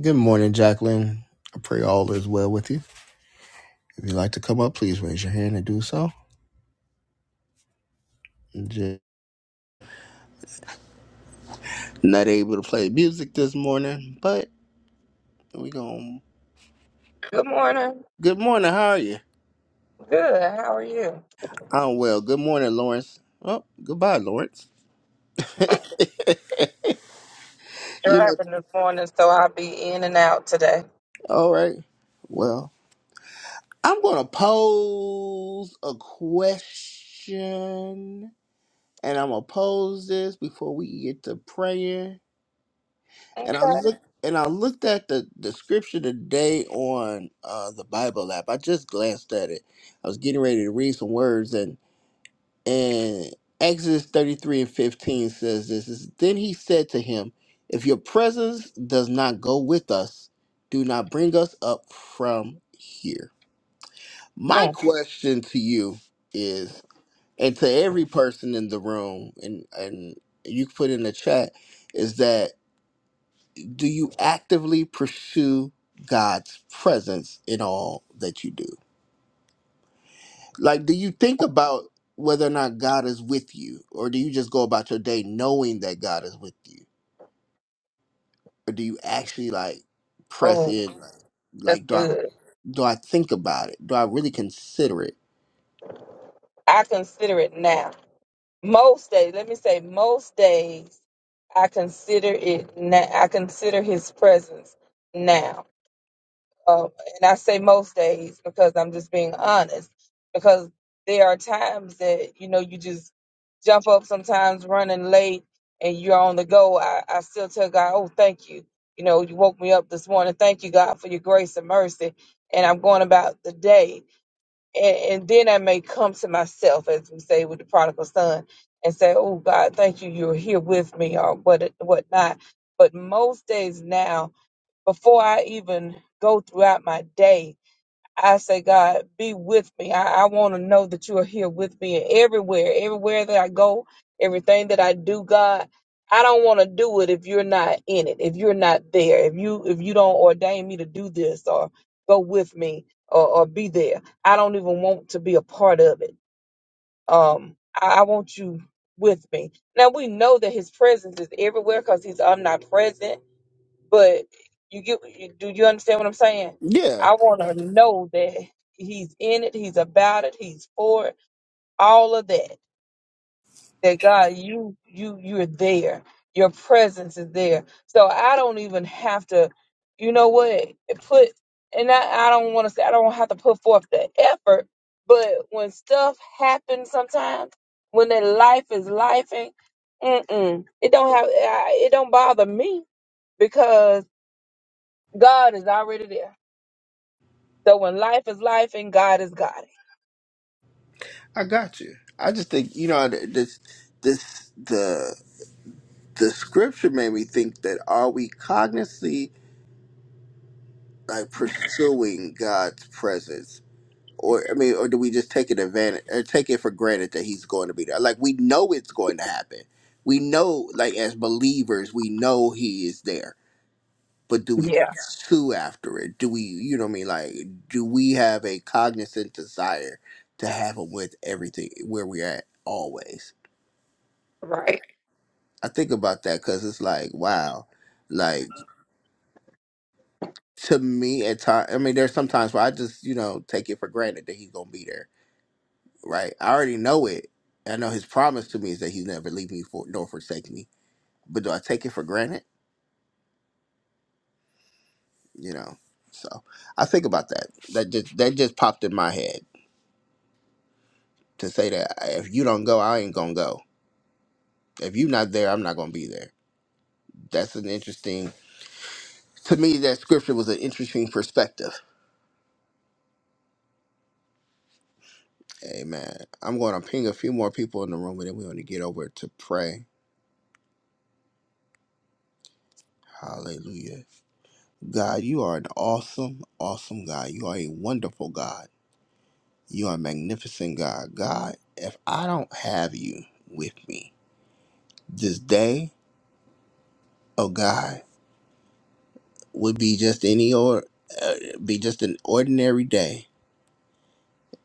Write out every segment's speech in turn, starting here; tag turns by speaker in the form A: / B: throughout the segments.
A: Good morning, Jacqueline. I pray all is well with you. If you'd like to come up, please raise your hand and do so. Just not able to play music this morning, but we going
B: Good morning.
A: Good morning, how are you?
B: Good. How are you?
A: I'm well. Good morning, Lawrence. Oh, goodbye, Lawrence. You know,
B: Driving this morning, so I'll be in and out today.
A: all right. Well, I'm gonna pose a question, and I'm gonna pose this before we get to praying. And I
B: Okay.
A: looked and I looked at the, the scripture today on uh, the Bible app. I just glanced at it. I was getting ready to read some words and and Exodus thirty three and fifteen says this is then he said to him, If your presence does not go with us, do not bring us up from here. My
B: Mm.
A: question to you is, and to every person in the room, and and you can put in the chat, is that do you actively pursue God's presence in all that you do? Like, do you think about whether or not God is with you? Or do you just go about your day knowing that God is with you? Or do you actually like press
B: Oh,
A: in? Like,
B: that's
A: like do I
B: good.
A: do I think about it? Do I really consider it?
B: I consider it now. Most days, let me say, most days, I consider it now. I consider His presence now. Um, and I say most days because I'm just being honest. Because there are times that you know you just jump up sometimes running late and you're on the go. I, I still tell God, oh thank you. You know you woke me up this morning. Thank you God for your grace and mercy. And I'm going about the day. And, and then I may come to myself, as we say with the prodigal son, and say, "Oh God, thank you, you're here with me," or what, what not. But most days now, before I even go throughout my day, I say, God, be with me. I, I want to know that you are here with me and everywhere, everywhere that I go, everything that I do, God. I don't want to do it if you're not in it, if you're not there, if you if you don't ordain me to do this or go with me or, or be there. I don't even want to be a part of it. Um, I, I want you with me. Now we know that his presence is everywhere because he's omnipresent but you get, do you understand what I'm saying?
A: Yeah,
B: I want to know that he's in it, he's about it, he's for it, all of that. That God, you, you, you're there. Your presence is there. So I don't even have to, you know what, put, and I, I don't want to say, I don't have to put forth the effort, but when stuff happens sometimes, when that life is life, mm-mm, it don't have, I- it don't bother me God is already there. So when life is life and God is God.
A: I got you. I just think you know th- this this the the scripture made me think that are we cognizantly like pursuing God's presence? or I mean, or do we just take it advantage or take it for granted that he's going to be there? Like we know it's going to happen. We know, like as believers, we know he is there. But do we Yeah.
B: Yeah,
A: pursue after it? Do we, you know, what I mean, like, do we have a cognizant desire to have him with everything where we're at always?
B: right.
A: I think about that because it's like, wow, like to me at times. I mean, there's sometimes where I just, you know, take it for granted that he's gonna be there right? I already know it. I know his promise to me is that he's never leave me for, nor forsake me. But do I take it for granted? You know. So I think about that. That just that just popped in my head to say that if you don't go, I ain't gonna go. If you're not there, I'm not gonna be there. That's an interesting to me. That scripture was an interesting perspective. Amen. I'm going to ping a few more people in the room, and then we're going to get over to pray. Hallelujah. God, you are an awesome, awesome God. You are a wonderful God. You are a magnificent God. God, if I don't have you with me this day, oh God, would be just any or uh, be just an ordinary day.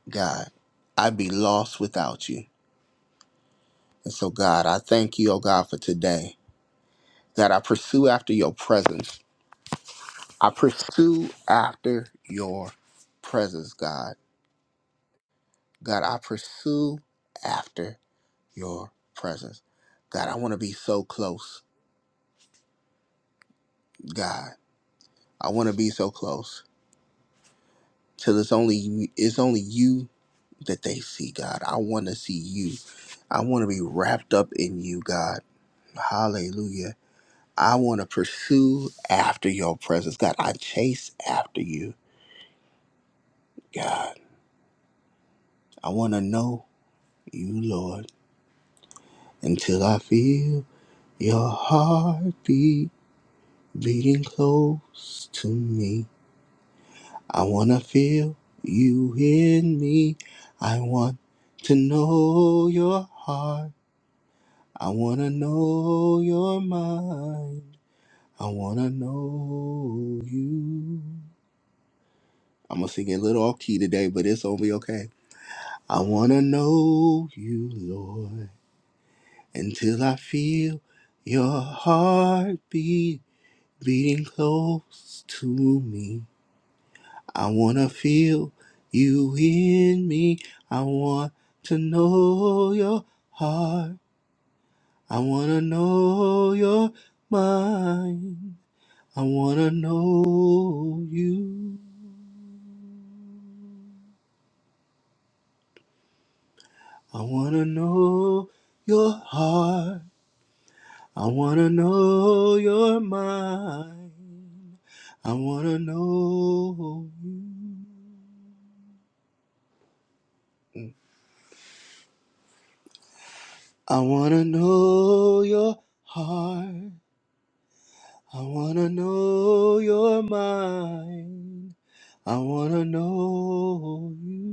A: God, I'd be lost without you. And so, God, I thank you, oh God, for today that I pursue after your presence. I pursue after your presence, God. God, I pursue after your presence. God, I want to be so close, God. I want to be so close. because it's only it's only you that they see, God. I want to see you. I want to be wrapped up in you, God. Hallelujah. I want to pursue after your presence, God. I chase after you, God. I want to know you, Lord, until I feel your heartbeat beating close to me. I want to feel you in me. I want to know your heart. I wanna know your mind. I wanna know you. I'm gonna sing it a little off key today, but it's gonna be okay. I wanna know you, Lord, until I feel your heartbeat beating close to me. I wanna feel you in me. I want to know your heart. I wanna know your mind. I wanna know you. I wanna know your heart. I wanna know your mind. I wanna know you. I wanna know your heart. I wanna know your mind. I wanna know you.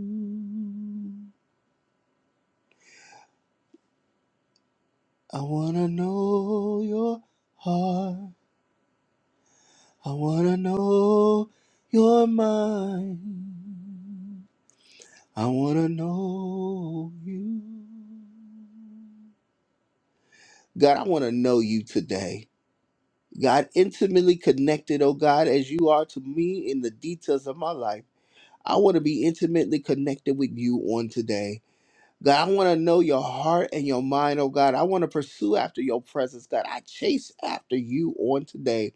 A: I wanna know your heart. I wanna know you're mine. I wanna know you. God, I wanna know you today. God, intimately connected, oh God, as you are to me in the details of my life. I wanna be intimately connected with you on today. God, I wanna know your heart and your mind, oh God. I wanna pursue after your presence, God. I chase after you on today.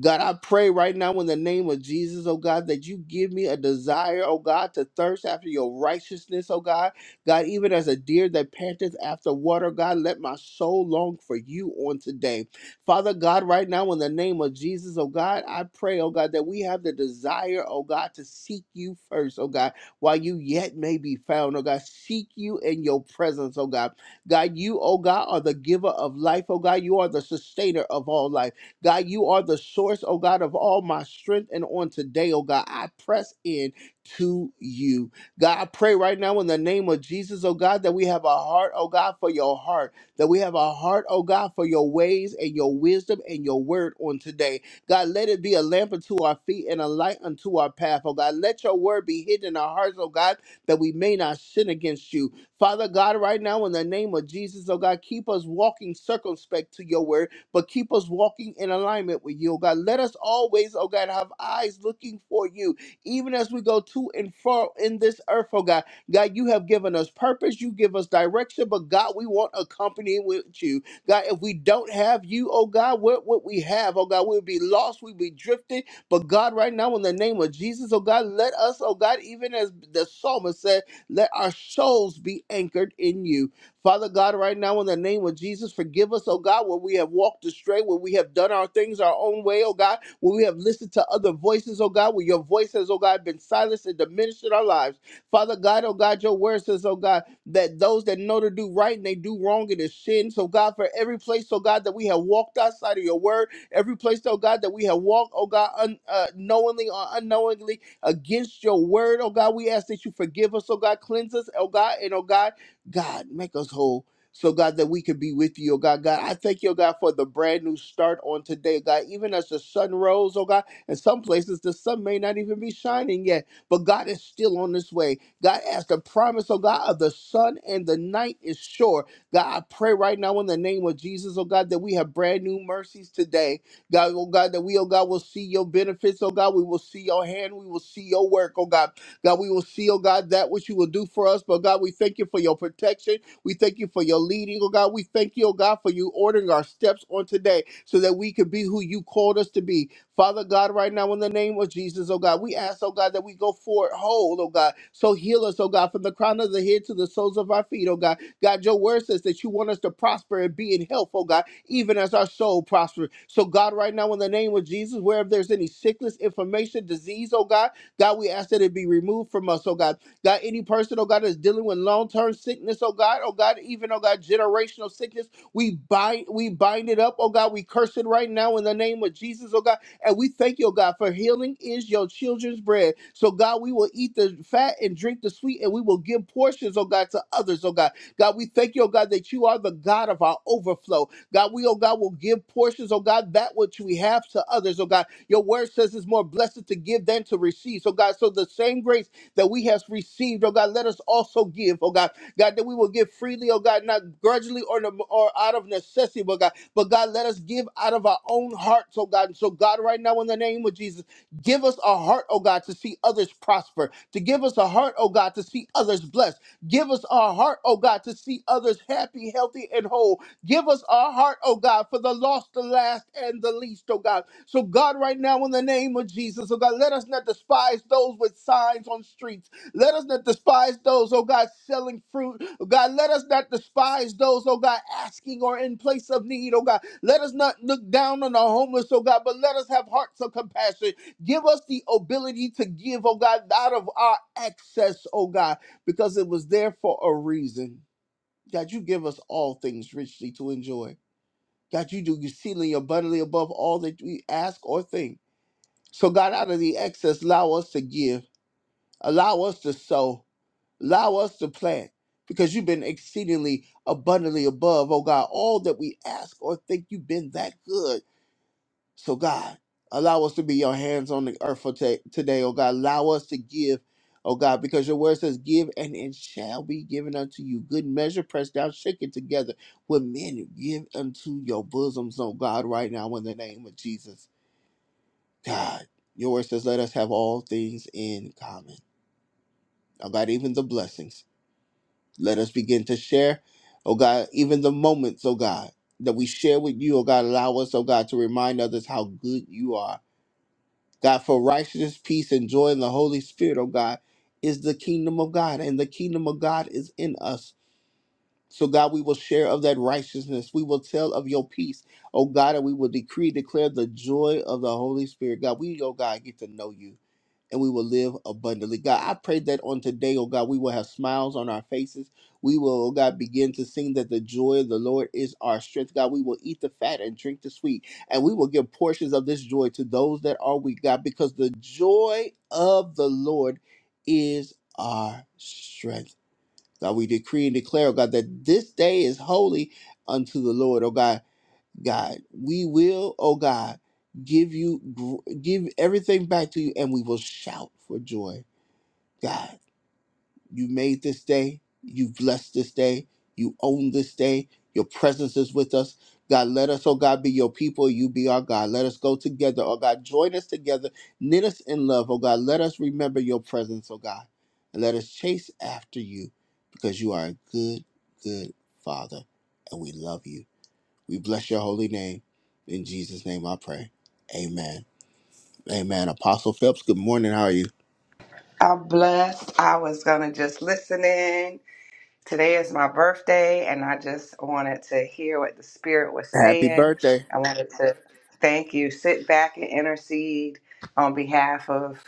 A: God, I pray right now in the name of Jesus, oh God, that you give me a desire, oh God, to thirst after your righteousness, oh God. God, even as a deer that panteth after water, God, let my soul long for you on today. Father God, right now in the name of Jesus, oh God, I pray, oh God, that we have the desire, oh God, to seek you first, oh God, while you yet may be found, oh God. Seek you in your presence, oh God. God, you, oh God, are the giver of life, oh God. You are the sustainer of all life. God, you are the source, oh God, of all my strength. And on today, oh God, I press in to you. God, I pray right now in the name of Jesus, oh God, that we have a heart, oh God, for your heart, that we have a heart, oh God, for your ways and your wisdom and your word on today. God, let it be a lamp unto our feet and a light unto our path, oh God. Let your word be hidden in our hearts, oh God, that we may not sin against you. Father God, right now in the name of Jesus, oh God, keep us walking circumspect to your word but keep us walking in alignment with you, oh God. Let us always, oh God, have eyes looking for you, even as we go to and fro in this earth, oh God. God, you have given us purpose, you give us direction, but God, we want a company with you. God, if we don't have you, oh God, what would we have? Oh God, we'll be lost, we'll be drifting. But God, right now, in the name of Jesus, oh God, let us, oh God, even as the psalmist said, let our souls be anchored in you. Father God, right now in the name of Jesus, forgive us, oh God, where we have walked astray, where we have done our things our own way, oh God, where we have listened to other voices, oh God, where your voice has, oh God, been silenced and diminished in our lives. Father God, oh God, your word says, oh God, that those that know to do right and they do wrong it is sin. So God, for every place, oh God, that we have walked outside of your word, every place, oh God, that we have walked, oh God, un- uh, knowingly or unknowingly against your word, oh God, we ask that you forgive us, oh God, cleanse us, oh God, and oh God. God, make us whole. So, God, that we could be with you, oh God. God, I thank you, oh God, for the brand new start on today, God. Even as the sun rose, oh God, in some places the sun may not even be shining yet, but God is still on this way. God, as the promise, oh God, of the sun and the night is sure. God, I pray right now in the name of Jesus, oh God, that we have brand new mercies today. God, oh God, that we, oh God, will see your benefits, oh God. We will see your hand, we will see your work, oh God. God, we will see, oh God, that which you will do for us. But God, we thank you for your protection. We thank you for your leading, oh God. We thank you, oh God, for you ordering our steps on today so that we could be who you called us to be. Father God, right now in the name of Jesus, oh God, we ask, oh God, that we go forward whole, oh God. So heal us, oh God, from the crown of the head to the soles of our feet, oh God. God, your word says that you want us to prosper and be in health, oh God, even as our soul prospers. So God, right now in the name of Jesus, wherever there's any sickness, inflammation, disease, oh God, God, we ask that it be removed from us, oh God. God, any person, oh God, that's dealing with long-term sickness, oh God, oh God, even oh God, generational sickness, we bind, we bind it up, oh God. We curse it right now in the name of Jesus, oh God. And we thank you, oh God, for healing is your children's bread. So God, we will eat the fat and drink the sweet, and we will give portions, oh God, to others, oh God. God, we thank you, oh God, that you are the God of our overflow. God, we, oh God, will give portions, oh God, that which we have to others, oh God. Your word says it's more blessed to give than to receive. So, God, so the same grace that we have received, oh God, let us also give, oh God. God, that we will give freely, oh God, not grudgingly or, no, or out of necessity, but God, but God, let us give out of our own hearts, oh God. And so, God, right now, in the name of Jesus, give us a heart, oh God, to see others prosper, to give us a heart, oh God, to see others blessed. Give us a heart, oh God, to see others happy, healthy, and whole. Give us our heart, oh God, for the lost, the last, and the least, oh God. So, God, right now, in the name of Jesus, oh God, let us not despise those with signs on streets. Let us not despise those, oh God, selling fruit. Oh God, let us not despise those, oh God, asking or in place of need, oh God. Let us not look down on the homeless, oh God, but let us have hearts of compassion. Give us the ability to give, oh God, out of our excess, oh God, because it was there for a reason. God, you give us all things richly to enjoy. God, you do exceedingly abundantly above all that we ask or think. So, God, out of the excess, allow us to give, allow us to sow, allow us to plant, because you've been exceedingly abundantly above, oh God, all that we ask or think. You've been that good. So, God, allow us to be your hands on the earth for ta- today, oh God. Allow us to give, oh God, because your word says, Give and it shall be given unto you. Good measure, pressed down, shaken together. With men, give unto your bosoms, oh God, right now in the name of Jesus. God, your word says, Let us have all things in common. Oh God, even the blessings. Let us begin to share, oh God, even the moments, oh God, that we share with you, oh God. Allow us, oh God, to remind others how good you are God, for righteousness, peace, and joy in the Holy Spirit, oh God, is the kingdom of God, and the kingdom of God is in us. So, God, we will share of that righteousness. We will tell of your peace, oh God, and we will decree, declare the joy of the Holy Spirit. God, we, oh God, get to know you and we will live abundantly. God, I pray that on today, oh God, we will have smiles on our faces. We will, oh God, begin to sing that the joy of the Lord is our strength. God, we will eat the fat and drink the sweet, and we will give portions of this joy to those that are weak, God, because the joy of the Lord is our strength. God, we decree and declare, oh God, that this day is holy unto the Lord, oh God. God. We will, oh God, give you gr- give everything back to you and we will shout for joy. God, you made this day. You blessed this day. You own this day. Your presence is with us. God, let us, oh God, be your people. You be our God. Let us go together, oh God. Join us together. Knit us in love, oh God. Let us remember your presence, oh God. And let us chase after you because you are a good, good Father. And we love you. We bless your holy name. In Jesus' name I pray. Amen. Amen. Apostle Phelps, good morning. How are you?
C: I'm blessed. I was gonna just listen in. Today is my birthday, and I just wanted to hear what the Spirit was
A: Happy
C: saying.
A: birthday.
C: I wanted to thank you. Sit back and intercede on behalf of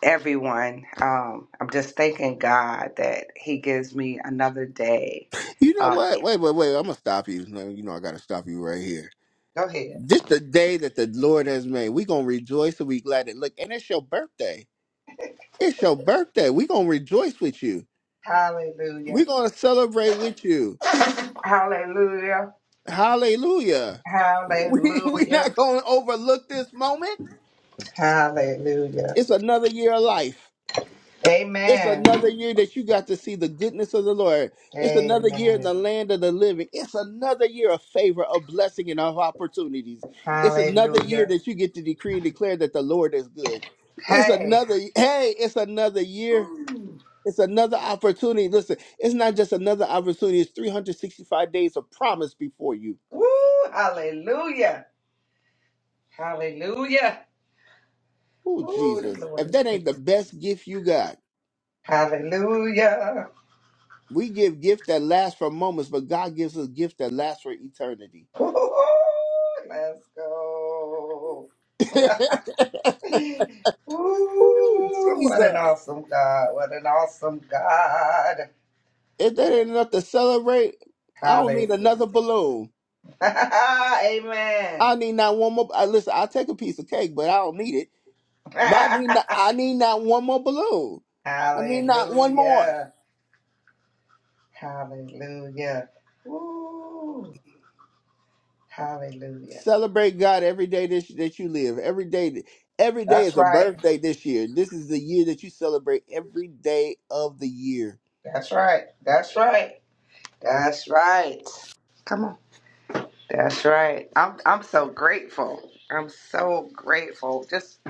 C: everyone. Um, I'm just thanking God that He gives me another day.
A: You know
C: Um,
A: what? Wait, wait, wait. I'm going to stop you. No, You know I got to stop you right here.
C: go ahead.
A: This the day that the Lord has made. we going to rejoice and we glad. And look, and it's your birthday. It's your birthday. we going to rejoice with you.
C: Hallelujah.
A: we going to celebrate with you.
C: Hallelujah.
A: Hallelujah. We, we
C: Hallelujah.
A: not going to overlook this moment.
C: Hallelujah.
A: It's another year of life. It's
C: Amen.
A: another year that you got to see the goodness of the Lord. It's another year in
C: Amen.
A: the land of the living. It's another year of favor, of blessing, and of opportunities. It's another year
C: Hallelujah.
A: that you get to decree and declare that the Lord is good. It's
C: Hey.
A: another, hey, it's another year.
C: Ooh.
A: It's another opportunity. Listen, it's not just another opportunity, it's 365 days of promise before you.
C: Woo. Hallelujah. Hallelujah.
A: Oh,
C: Ooh, the
A: Jesus.
C: Lord
A: If
C: is
A: that
C: good.
A: ain't the best gift you got,
C: Hallelujah.
A: we give gifts that last for moments, but God gives us gifts that last for eternity.
C: Ooh, let's go.
A: Ooh,
C: Ooh, what an
A: Jesus.
C: awesome God. What an awesome God.
A: If that ain't enough to celebrate, I don't
C: Hallelujah.
A: need another balloon.
C: Amen.
A: I need not one more. I, listen, I'll take a piece of cake, but I don't need it. But I need not, I need not one more balloon. I need not one more.
C: Hallelujah. Hallelujah. Ooh. Hallelujah.
A: Celebrate God every day that, that you live. Every day, that- every day
C: That's
A: is a
C: right.
A: birthday this year. This is the year that you celebrate every day of the year.
C: That's right. That's right. That's right. Come on. That's right. I'm I'm so grateful. I'm so grateful. Just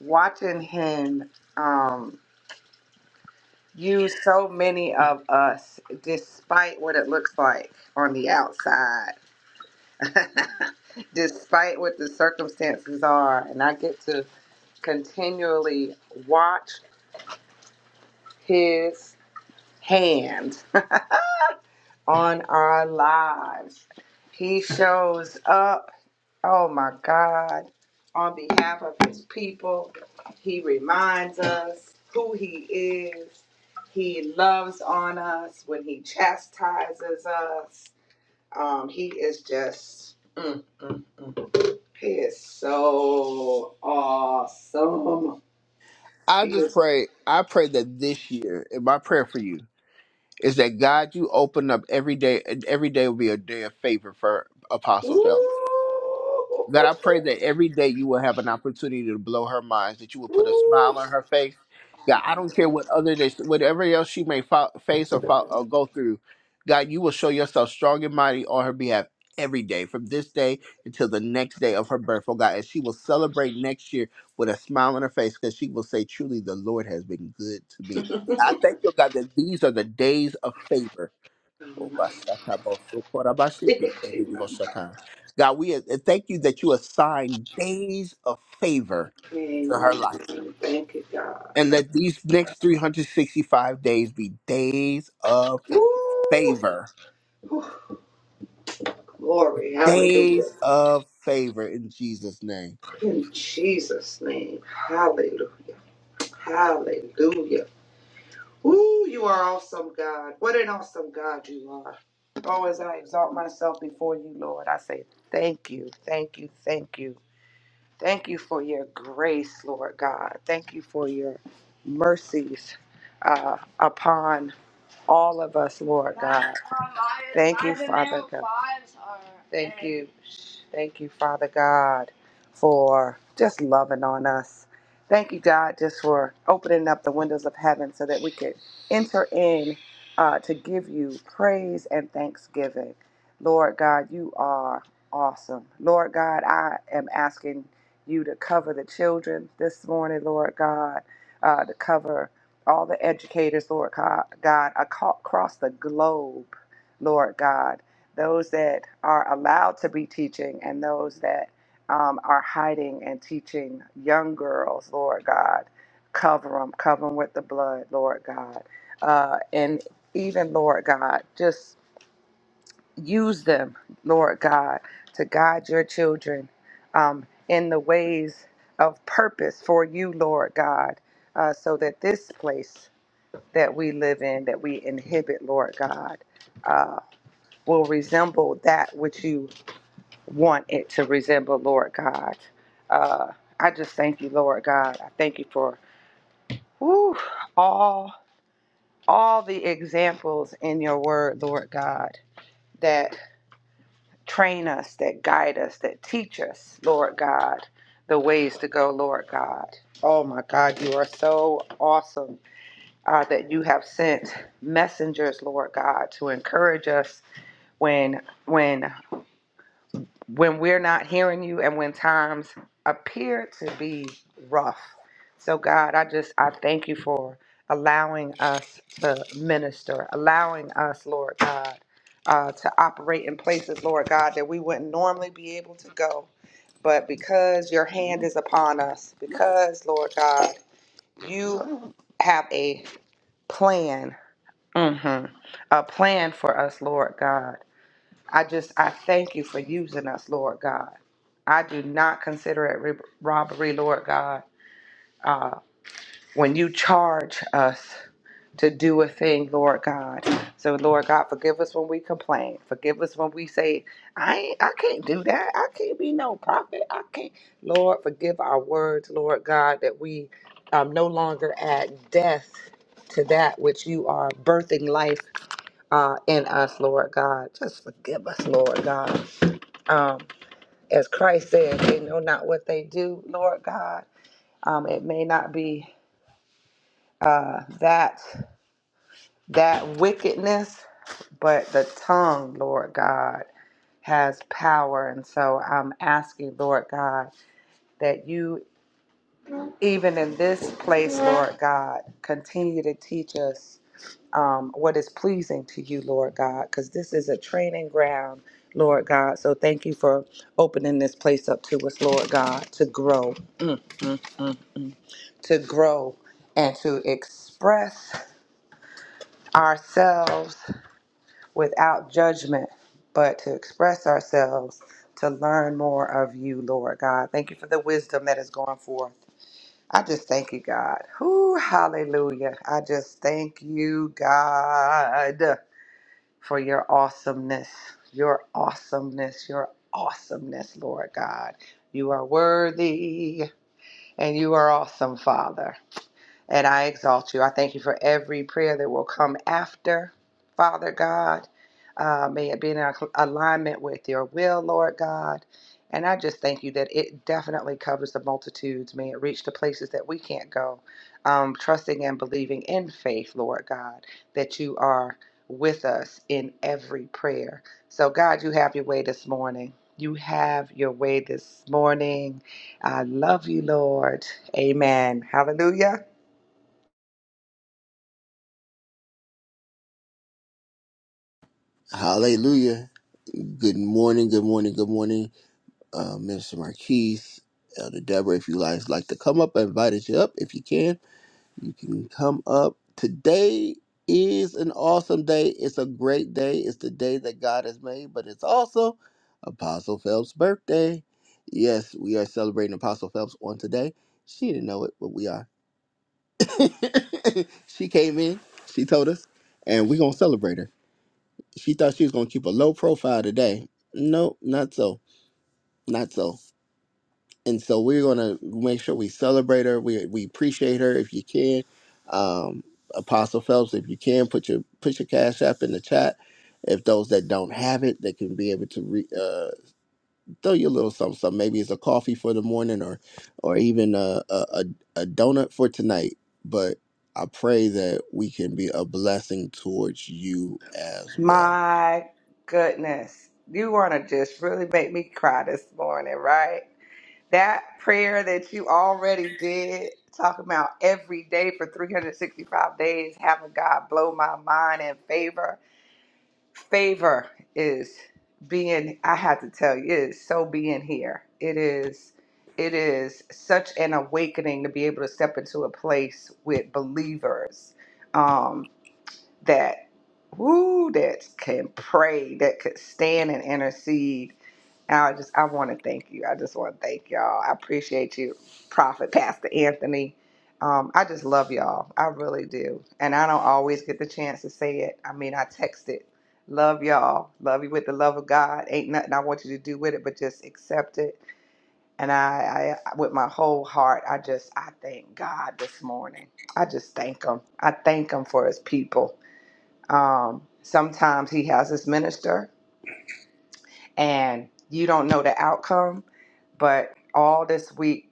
C: watching him um use so many of us despite what it looks like on the outside. despite what the circumstances are and I get to continually watch his hand on our lives. He shows up, oh my God, on behalf of his people. He reminds us who he is. He loves on us when he chastises us. Um, he is just, mm, mm, mm. he is so awesome.
A: I
C: He
A: just
C: is,
A: pray. I pray that this year, and my prayer for you is that God, you open up every day, and every day will be a day of favor for Apostle
C: ooh,
A: Phelps. God, I pray that every day you will have an opportunity to blow her mind, that you will put a
C: ooh.
A: smile on her face. God, I don't care what other days, whatever else she may fo- face or, fo- or go through, God, you will show yourself strong and mighty on her behalf every day, from this day until the next day of her birth. Oh God, and she will celebrate next year with a smile on her face because she will say, truly, the Lord has been good to me. I thank you, God, that these are the days of favor.
C: ooh.
A: God, we uh, thank you that you assign days of favor to her
C: Amen.
A: life.
C: Thank you, God.
A: And let these next 365 days be days of
C: Woo!
A: favor.
C: Whew. Glory. Hallelujah.
A: Days of favor in Jesus' name.
C: In Jesus' name. Hallelujah. Hallelujah. Ooh, you are awesome, God. What an awesome God you are. Oh, as I exalt myself before you, Lord, I say thank you, thank you, thank you. Thank you for your grace, Lord God. Thank you for your mercies uh, upon all of us, Lord God. Thank you, Father God. Thank you. Thank you, Father God, for just loving on us. Thank you, God, just for opening up the windows of heaven so that we could enter in uh, to give you praise and thanksgiving. Lord God, you are awesome. Lord God, I am asking you to cover the children this morning, Lord God, uh, to cover all the educators, Lord God, across the globe, Lord God, those that are allowed to be teaching and those that um, are hiding and teaching young girls, Lord God, cover them, cover them with the blood, Lord God. Uh, and even, Lord God, just use them, Lord God, to guide your children um, in the ways of purpose for you, Lord God, uh, so that this place that we live in, that we inhibit, Lord God, uh, will resemble that which you want it to resemble, Lord God. Uh, I just thank you, Lord God. I thank you for whew, all all the examples in your word, Lord God, that train us, that guide us, that teach us, Lord God, the ways to go, Lord God. Oh my God, you are so awesome uh, that you have sent messengers, Lord God, to encourage us when when when we're not hearing you and when times appear to be rough. So God, I just I thank you for allowing us to minister, allowing us, Lord God, uh, to operate in places, Lord God, that we wouldn't normally be able to go. But because your hand is upon us, because, Lord God, you have a plan Mm-hmm. A plan for us, Lord God. I just, I thank you for using us, Lord God. I do not consider it re- robbery, Lord God, uh, when you charge us to do a thing, Lord God. So, Lord God, forgive us when we complain. Forgive us when we say, I ain't, I can't do that. I can't be no prophet. I can't. Lord, forgive our words, Lord God, that we um, no longer add death to that which you are birthing life uh, in us, Lord God. Just forgive us, Lord God. Um, as Christ said, they know not what they do, Lord God. Um, it may not be uh, that that wickedness, but the tongue, Lord God, has power. And so I'm asking, Lord God, that you, even in this place, Lord God, continue to teach us. um, what is pleasing to you, Lord God, because this is a training ground, Lord God. So thank you for opening this place up to us, Lord God, to grow, Mm-mm. to grow, and to express ourselves without judgment, but to express ourselves to learn more of you, Lord God. Thank you for the wisdom that is going forth. I just thank you, God. Whoo, hallelujah. I just thank you, God. for your awesomeness, your awesomeness, your awesomeness, Lord God. You are worthy and you are awesome, Father and I exalt you. I thank you for every prayer that will come after, Father God. Uh, may it be in alignment with your will, Lord God. And I just thank you that it definitely covers the multitudes. May it reach the places that we can't go. Um, trusting and believing in faith, Lord God, that you are with us in every prayer. So, God, you have your way this morning. You have your way this morning. I love you, Lord. Amen. Hallelujah.
A: Hallelujah. Good morning, good morning, good morning, uh, Minister Marquise, Elder Deborah. If you guys like to come up, I invited you up if you can. You can come up. Today is an awesome day. It's a great day. It's the day that God has made, but it's also Apostle Phelps' birthday. Yes, we are celebrating Apostle Phelps on today. She didn't know it, but we are. she came in, she told us, and we're going to celebrate her. She thought she was going to keep a low profile today. Nope, not so. Not so and so we're gonna make sure we celebrate her. We we appreciate her if you can. Um, Apostle Phelps, if you can, put your put your cash app in the chat. If those that don't have it, they can be able to re, uh, throw you a little something, something. Maybe it's a coffee for the morning, or or even a a, a a donut for tonight. But I pray that we can be a blessing towards you as well.
C: My goodness, you want to just really make me cry this morning, right? That prayer that you already did, talking about every day for 365 days, having God blow my mind in favor. Favor is being, I have to tell you, it is so being here. It is. It is such an awakening to be able to step into a place with believers um, that Woo, that can pray, that could stand and intercede. I just, I want to thank you. I just want to thank y'all. I appreciate you, Prophet Pastor Anthony. Um, I just love y'all. I really do. And I don't always get the chance to say it. I mean, I text it. Love y'all. Love you with the love of God. Ain't nothing I want you to do with it, but just accept it. And I, I with my whole heart, I just, I thank God this morning. I just thank Him. I thank Him for His people. Um, sometimes he has his minister, and you don't know the outcome. But all this week,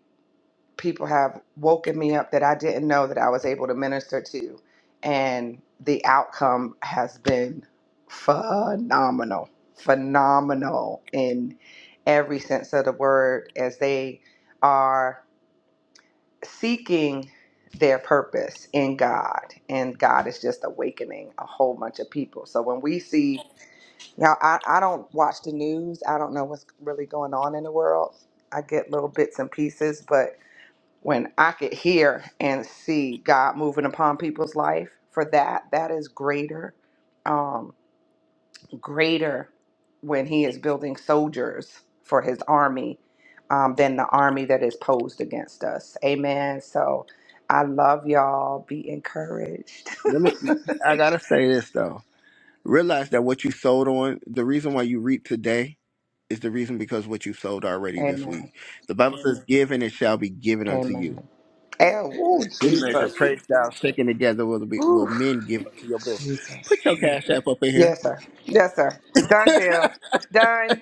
C: people have woken me up that I didn't know that I was able to minister to, and the outcome has been phenomenal, phenomenal in every sense of the word as they are seeking their purpose in God, and God is just awakening a whole bunch of people. So when we see Now, I, I don't watch the news. I don't know what's really going on in the world. I get little bits and pieces, but when I could hear and see God moving upon people's life, for that, that is greater, um, greater when He is building soldiers for His army um, than the army that is posed against us. Amen. So I love y'all. Be encouraged.
A: Let me. I gotta say this though. Realize that what you sold on, the reason why you reap today is the reason because what you sowed already this
C: Amen.
A: week. The Bible says, "Give and it shall be given unto you."
C: Amen. Oh,
A: Good measure,
C: Jesus.
A: praise thou shaken together will be will
C: Whew,
A: men give unto your bosom.
C: Jesus.
A: Put your cash app up in here.
C: Yes, sir. Yes, sir. Done deal. Done.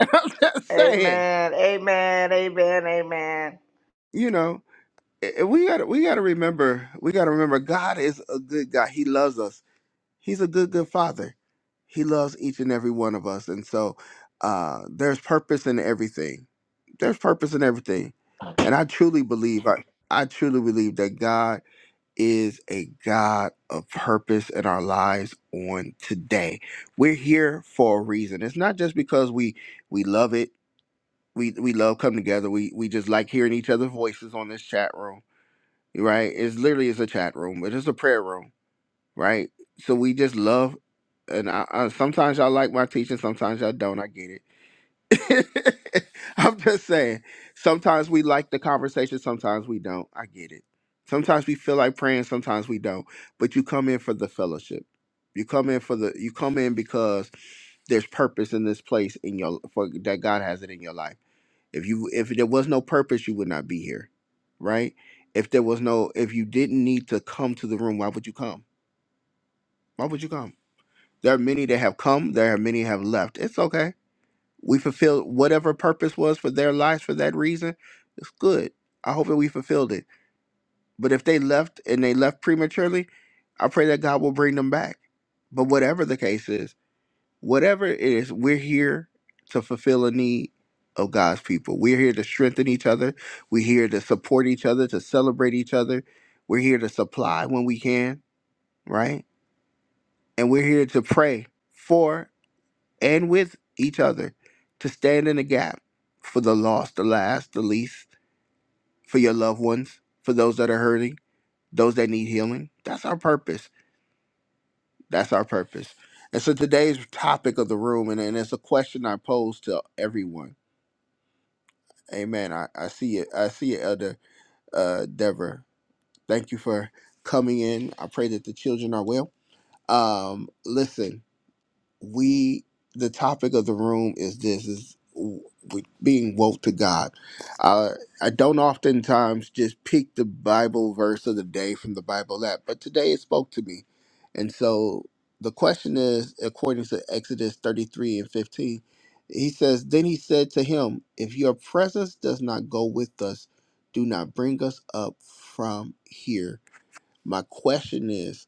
A: I'm just saying,
C: Amen. Amen. Amen. Amen.
A: you know, eh, eh, we gotta we gotta remember we gotta remember God is a good God. He loves us. He's a good good Father. He loves each and every one of us, and so uh, there's purpose in everything. There's purpose in everything, and I truly believe I I truly believe that God. is a God of purpose in our lives on today. We're here for a reason. It's not just because we we love it. We we love coming together. We we just like hearing each other's voices on this chat room, right? It's literally it's a chat room, but it's a prayer room, right? So we just love and I, I, sometimes y'all like my teaching, sometimes y'all don't. I get it I'm just saying. Sometimes we like the conversation, sometimes we don't. I get it. Sometimes we feel like praying, sometimes we don't. But you come in for the fellowship. You come in for the you come in because there's purpose in this place in your for that God has it in your life. If you if there was no purpose, you would not be here. Right? If there was no if you didn't need to come to the room, why would you come? Why would you come? There are many that have come, there are many have left. It's okay we fulfilled whatever purpose was for their lives for that reason, it's good. I hope that we fulfilled it. But if they left and they left prematurely, I pray that God will bring them back. But whatever the case is, whatever it is, we're here to fulfill a need of God's people. We're here to strengthen each other. We're here to support each other, to celebrate each other. We're here to supply when we can, right? And we're here to pray for and with each other to stand in the gap for the lost, the last, the least, for your loved ones, for those that are hurting, those that need healing. That's our purpose. That's our purpose. And so today's topic of the room, and, and it's a question I pose to everyone. Amen. I, I see it. I see it, Elder uh, Deborah. Thank you for coming in. I pray that the children are well. Um, listen, we the topic of the room is this is w- w- being woke to god uh, i don't oftentimes just pick the bible verse of the day from the bible app but today it spoke to me and so the question is according to exodus 33 and 15 he says then he said to him if your presence does not go with us do not bring us up from here my question is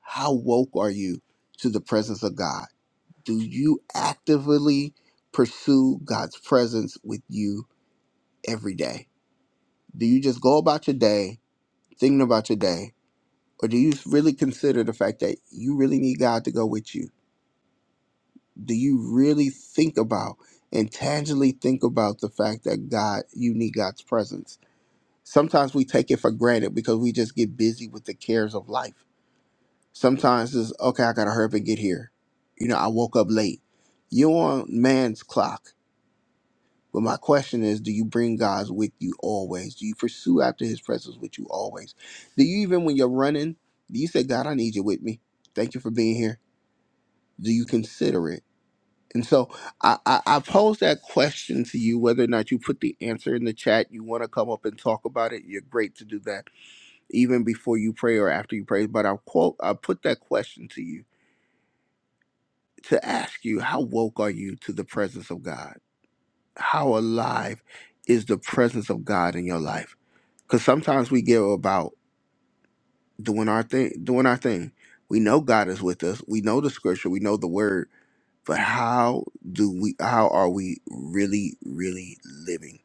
A: how woke are you to the presence of god do you actively pursue God's presence with you every day? Do you just go about your day thinking about your day? Or do you really consider the fact that you really need God to go with you? Do you really think about and tangibly think about the fact that God, you need God's presence? Sometimes we take it for granted because we just get busy with the cares of life. Sometimes it's okay, I gotta hurry up and get here. You know, I woke up late. You're on man's clock But my question is, do you bring God's with you always? Do you pursue after his presence with you always? Do you even when you're running, do you say, God, I need you with me? Thank you for being here. Do you consider it? And so I, I, I pose that question to you, whether or not you put the answer in the chat, you want to come up and talk about it, you're great to do that, even before you pray or after you pray. But I'll quote I put that question to you to ask you, how woke are you to the presence of God? How alive is the presence of God in your life? Because sometimes we get about doing our thing, doing our thing. We know God is with us. We know the scripture. We know the word. But how do we? How are we really, really living?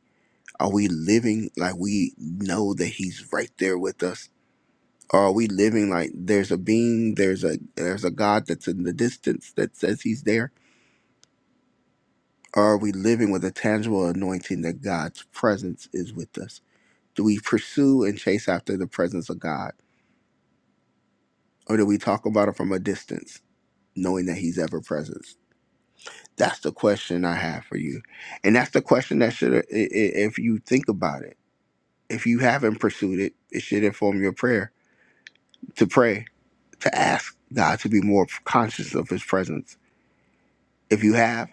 A: Are we living like we know that He's right there with us? Or are we living like there's a being, there's a there's a God that's in the distance that says He's there? Or are we living with a tangible anointing that God's presence is with us? Do we pursue and chase after the presence of God? Or do we talk about him from a distance, knowing that he's ever present? That's the question I have for you. And that's the question that should, i- i- if you think about it, if you haven't pursued it, it should inform your prayer to pray, to ask God to be more conscious of his presence. If you have,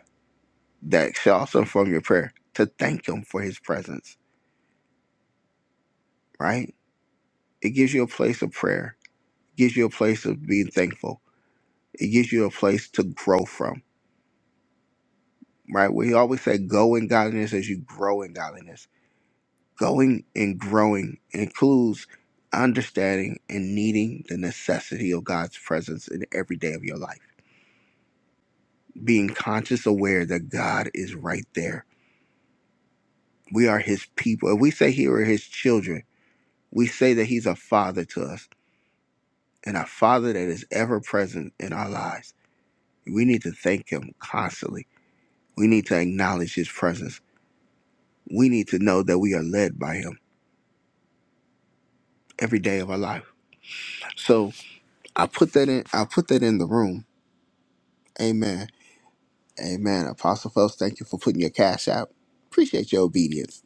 A: that should also inform your prayer to thank him for his presence, right? It gives you a place of prayer, gives you a place of being thankful, it gives you a place to grow from, right? We always say, go in godliness as you grow in godliness Going and growing includes understanding and needing the necessity of God's presence in every day of your life. Being conscious aware that God is right there. We are his people. If we say he are his children, we say that he's a father to us and a father that is ever present in our lives. We need to thank him constantly. We need to acknowledge his presence. We need to know that we are led by him every day of our life. So I put that in I put that in the room. Amen Amen. Apostle Phelps, thank you for putting your cash out. Appreciate your obedience.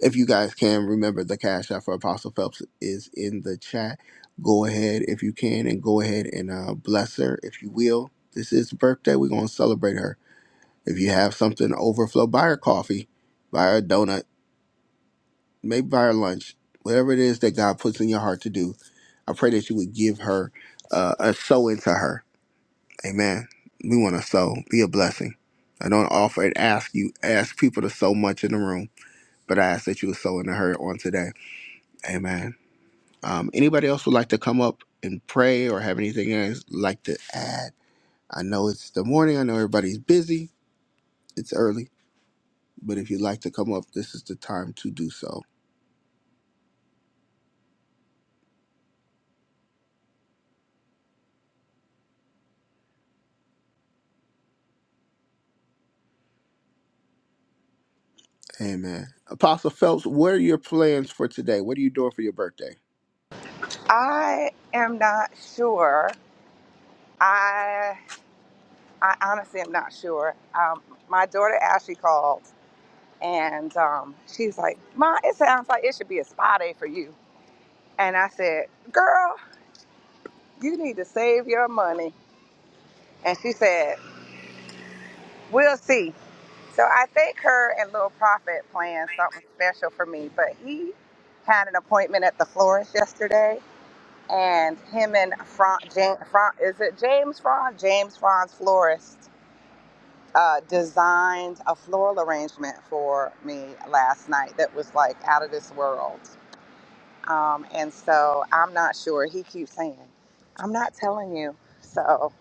A: If you guys can remember the cash out for Apostle Phelps is in the chat. Go ahead if you can and go ahead and uh, bless her if you will. This is her birthday. We're going to celebrate her. If you have something overflow, buy her coffee, buy her a donut, maybe buy her lunch, whatever it is that God puts in your heart to do. I pray that you would give her uh, a sow into her Amen. We want to sow. Be a blessing. I don't offer and ask you, ask people to sow much in the room, but I ask that you would sow in the herd on today. Amen. Um, anybody else would like to come up and pray or have anything else like to add? I know it's the morning. I know everybody's busy. It's early, but if you'd like to come up, this is the time to do so. Amen. Apostle Phelps, what are your plans for today? What are you doing for your birthday?
C: I am not sure. I I honestly am not sure. Um, my daughter Ashley called and um, she's like, "Ma, it sounds like it should be a spa day for you." And I said, "Girl, you need to save your money." And she said, "We'll see." So I think her and Little Prophet planned something special for me, but he had an appointment at the florist yesterday, and him and Fran, James, Fran is it James Fran? James Fran's florist uh, designed a floral arrangement for me last night that was like out of this world. Um, and so I'm not sure. He keeps saying, "I'm not telling you." So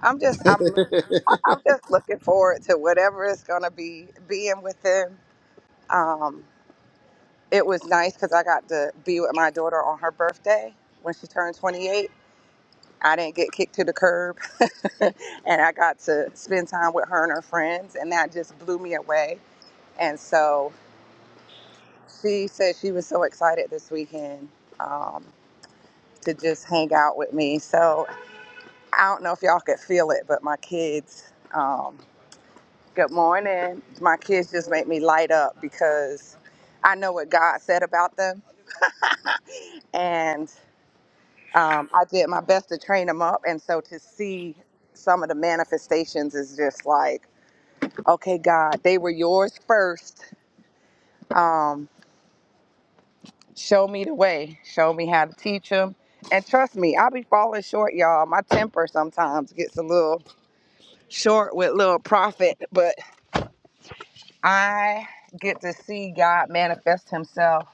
C: I'm just I'm I'm just looking forward to whatever is gonna be being with him um, it was nice because I got to be with my daughter on her birthday when she turned 28. I didn't get kicked to the curb, and I got to spend time with her and her friends, and that just blew me away. And so she said she was so excited this weekend um, to just hang out with me. So I don't know if y'all could feel it, but my kids, um, good morning. My kids just make me light up because I know what God said about them. and. um, I did my best to train them up. And so to see some of the manifestations is just like, okay, God, they were yours first. Um, show me the way, show me how to teach them. And trust me, i be falling short, y'all. My temper sometimes gets a little short with little profit, but I get to see God manifest Himself.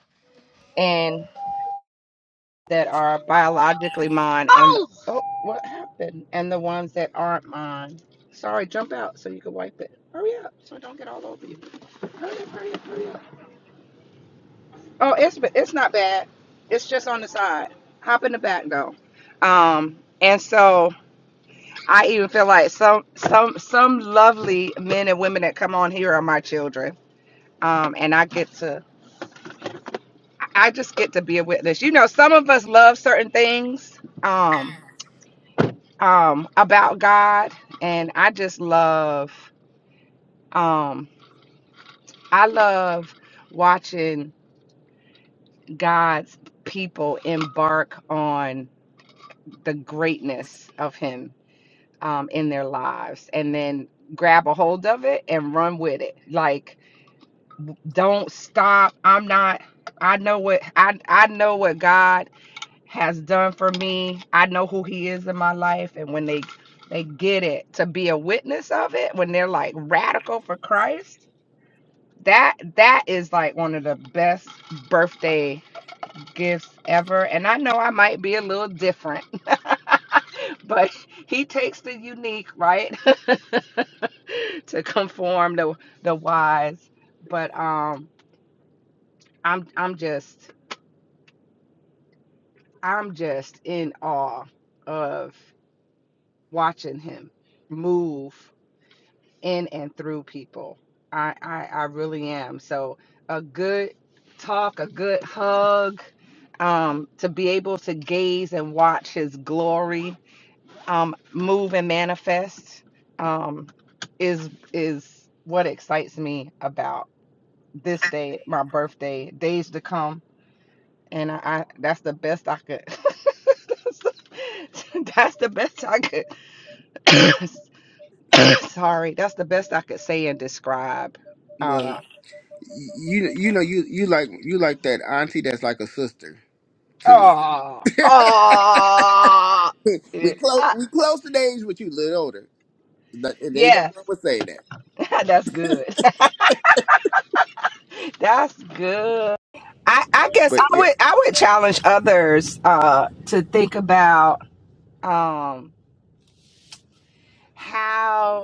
C: that are biologically mine and the, Oh, oh what happened and the ones that aren't mine sorry jump out so you can wipe it hurry up so it don't get all over you hurry up hurry up hurry up oh it's ba- it's not bad it's just on the side hop in the back though um and so i even feel like some some some lovely men and women that come on here are my children um and i get to i I just get to be a witness you know some of us love certain things um um about God and I just love um I love watching God's people embark on the greatness of him um in their lives and then grab a hold of it and run with it. Like don't stop. I'm not I know what I I know what God has done for me. I know who he is in my life and when they they get it to be a witness of it when they're like radical for Christ, that that is like one of the best birthday gifts ever. And I know I might be a little different, but he takes the unique, right? to conform the the wise. But um I'm I'm just I'm just in awe of watching him move in and through people. I, I, I really am. So a good talk, a good hug, um, to be able to gaze and watch his glory um, move and manifest um, is is what excites me about this day, my birthday, days to come. And I, I that's the best I could that's the best I could Sorry, that's the best I could say and describe.
A: well,
C: Uh,
A: you you know you you like you like that auntie that's like a sister to me.
C: oh, oh,
A: we
C: eh,
A: close
C: ah,
A: we close in age, but you a little older, Like, and ain't nothing
C: yeah,
A: wrong with saying that.
C: that's good. that's good. I, I guess
A: But
C: I
A: yeah,
C: would I would challenge others uh, to think about um, how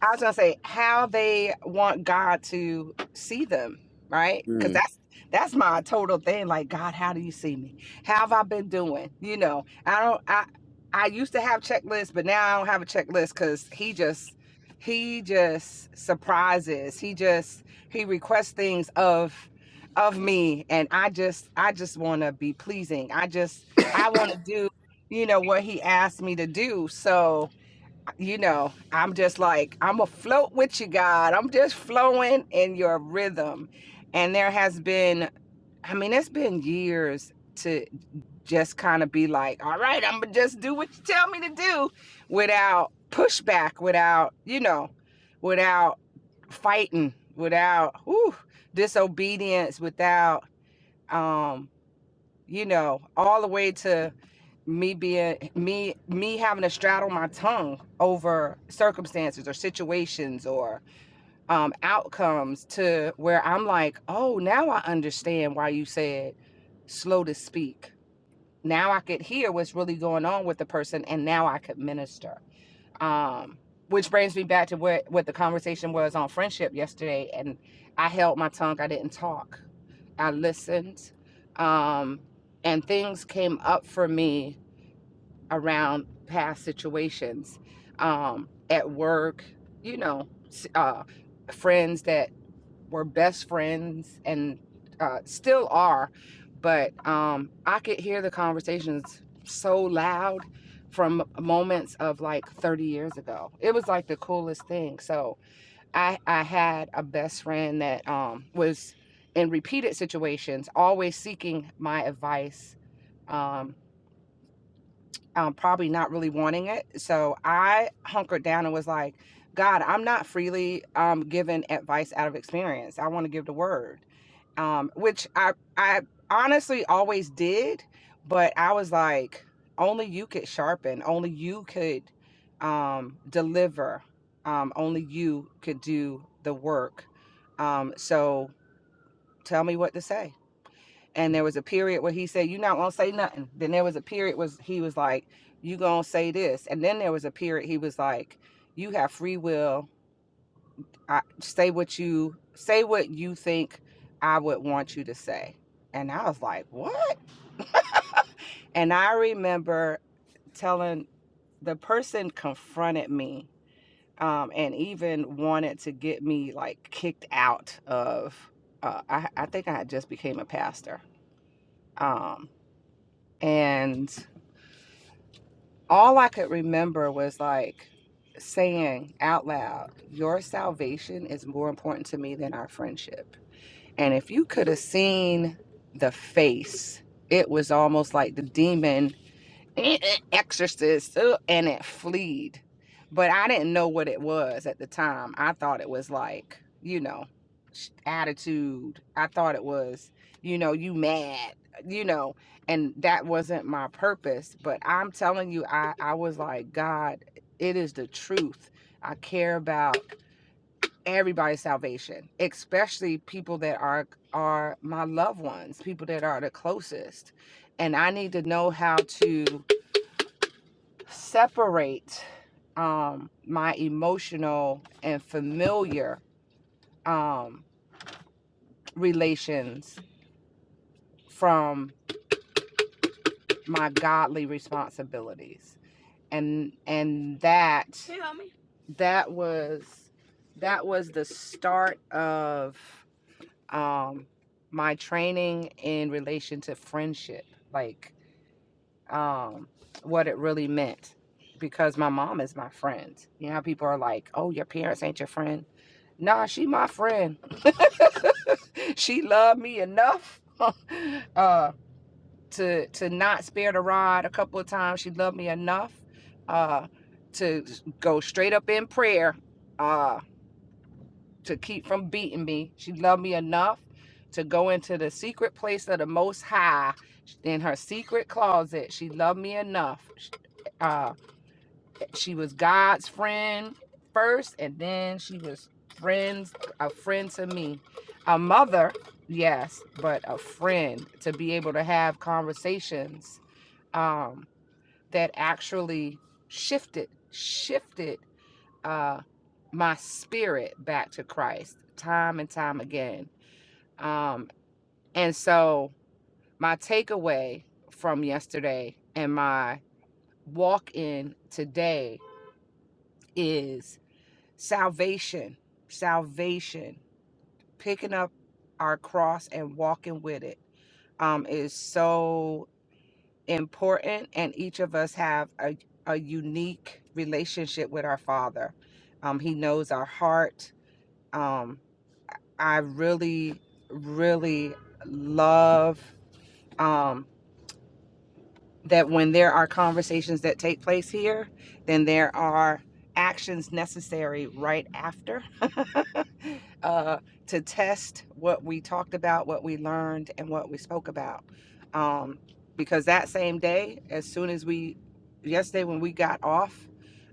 C: I was gonna say how they want God to see them, right? Because
A: mm.
C: that's that's my total thing. Like, God, how do you see me? How have I been doing? You know, I don't. I I used to have checklists, but now I don't have a checklist because He just He just surprises. He just He requests things of of me, and I just I just want to be pleasing. I just I want to do you know what He asked me to do. So you know, I'm just like, I'm afloat with you, God. I'm just flowing in your rhythm. And there has been, I mean, it's been years to just kind of be like, all right, I'm going to just do what you tell me to do without pushback, without, you know, without fighting, without whew, disobedience, without, um, you know, all the way to me being me me having to straddle my tongue over circumstances or situations or um outcomes to where I'm like, "Oh, now I understand why you said slow to speak." Now I could hear what's really going on with the person and now I could minister um which brings me back to what what the conversation was on friendship yesterday and i held my tongue i didn't talk i listened um and things came up for me around past situations um at work you know uh friends that were best friends and uh, still are, but um, I could hear the conversations so loud from moments of like 30 years ago. It was like the coolest thing. So I I had a best friend that um, was in repeated situations, always seeking my advice. Um, um, probably not really wanting it. So I hunkered down and was like, God, I'm not freely um, giving advice out of experience. I want to give the word, um, which I I honestly always did, but I was like, only you could sharpen, only you could um, deliver, um, only you could do the work. Um, so tell me what to say and there was a period where he said you not gonna say nothing then there was a period was he was like you gonna say this and then there was a period he was like you have free will i say what you say what you think i would want you to say and i was like what and i remember telling the person confronted me um, and even wanted to get me like kicked out of uh, I, I think i had just became a pastor um, and all I could remember was like saying out loud, Your salvation is more important to me than our friendship. And if you could have seen the face, it was almost like the demon Eh, eh, exorcist uh, and it fleed but i didn't know what it was at the time i thought it was like you know attitude i thought it was you know you mad you know and that wasn't my purpose but i'm telling you i i was like god it is the truth i care about everybody's salvation especially people that are are my loved ones people that are the closest and i need to know how to separate um my emotional and familiar um relations from my godly responsibilities and and that Hey, that was that was the start of um my training in relation to friendship like um what it really meant because my mom is my friend you know how people are like oh your parents ain't your friend Nah, she my friend. she loved me enough uh to to not spare the rod a couple of times. She loved me enough uh to go straight up in prayer uh to keep from beating me. She loved me enough to go into the secret place of the most high in her secret closet. She loved me enough Uh, she was God's friend first, and then she was friends, a friend to me. A mother, yes, but a friend to be able to have conversations um, that actually shifted, shifted uh, my spirit back to Christ time and time again. Um, and so, my takeaway from yesterday and my walk in today is salvation salvation picking up our cross and walking with it um, is so important and each of us have a, a unique relationship with our father um, he knows our heart um, i really really love um, that when there are conversations that take place here, then there are actions necessary right after uh, to test what we talked about, what we learned, and what we spoke about. Um, because that same day, as soon as we, yesterday when we got off,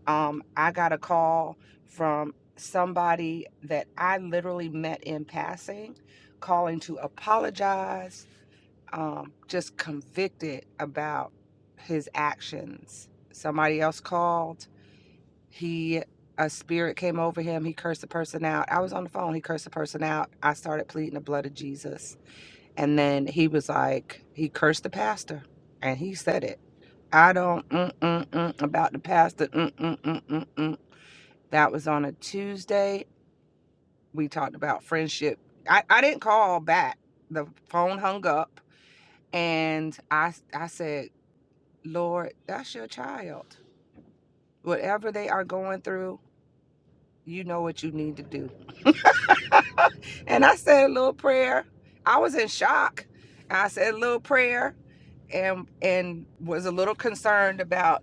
C: um, I got a call from somebody that I literally met in passing, calling to apologize, um, just convicted about his actions. Somebody else called. He a spirit came over him. He cursed the person out. I was on the phone. He cursed the person out. I started pleading the blood of Jesus. And then he was like, he cursed the pastor and he said it. I don't mm, mm, mm, about the pastor. Mm, mm, mm, mm, mm. That was on a Tuesday. We talked about friendship. I, I didn't call back. The phone hung up and I I said, Lord, that's your child. whatever they are going through, you know what you need to do. And I said a little prayer. I was in shock. I said a little prayer and and was a little concerned about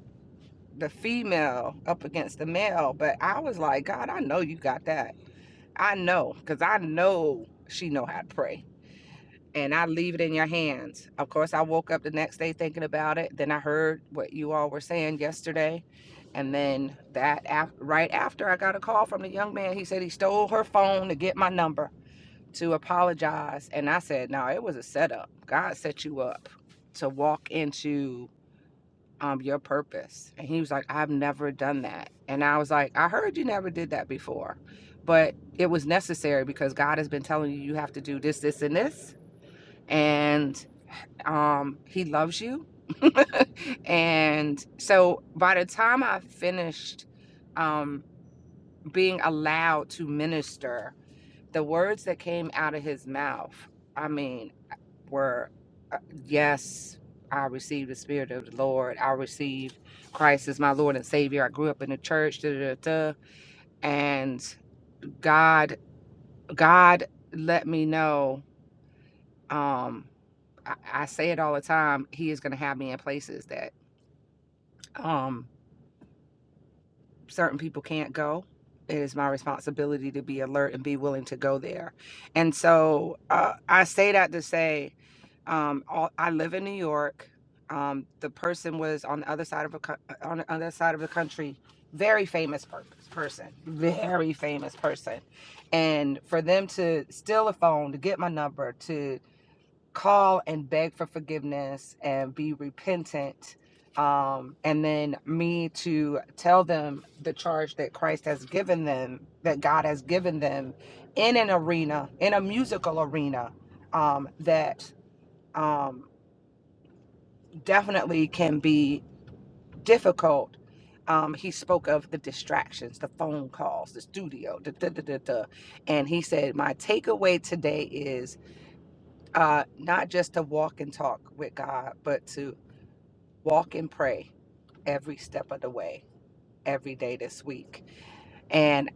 C: the female up against the male, but I was like, God, I know you got that. I know cuz I know she know how to pray. and I leave it in your hands. Of course, I woke up the next day thinking about it. Then I heard what you all were saying yesterday. And then that af- right after I got a call from the young man, he said he stole her phone to get my number to apologize. And I said, no, it was a setup. God set you up to walk into um, your purpose. And he was like, I've never done that. And I was like, I heard you never did that before, but it was necessary because God has been telling you you have to do this, this, and this. And um he loves you and so by the time i finished um being allowed to minister the words that came out of his mouth i mean were uh, yes i received the spirit of the lord i received christ as my lord and savior i grew up in the church da, da, da, da. and god god let me know um I, I say it all the time he is going to have me in places that um certain people can't go, it is my responsibility to be alert and be willing to go there. And so uh, I say that to say um, all, I live in New York. Um, the person was on the other side of a co- uh, on the other side of the country, very famous per- person, very famous person, and for them to steal a phone, to get my number, to call and beg for forgiveness and be repentant um and then me to tell them the charge that Christ has given them that God has given them in an arena in a musical arena um that um definitely can be difficult um he spoke of the distractions the phone calls the studio da, da, da, da, da. and he said my takeaway today is uh not just to walk and talk with God but to walk and pray every step of the way, every day this week. And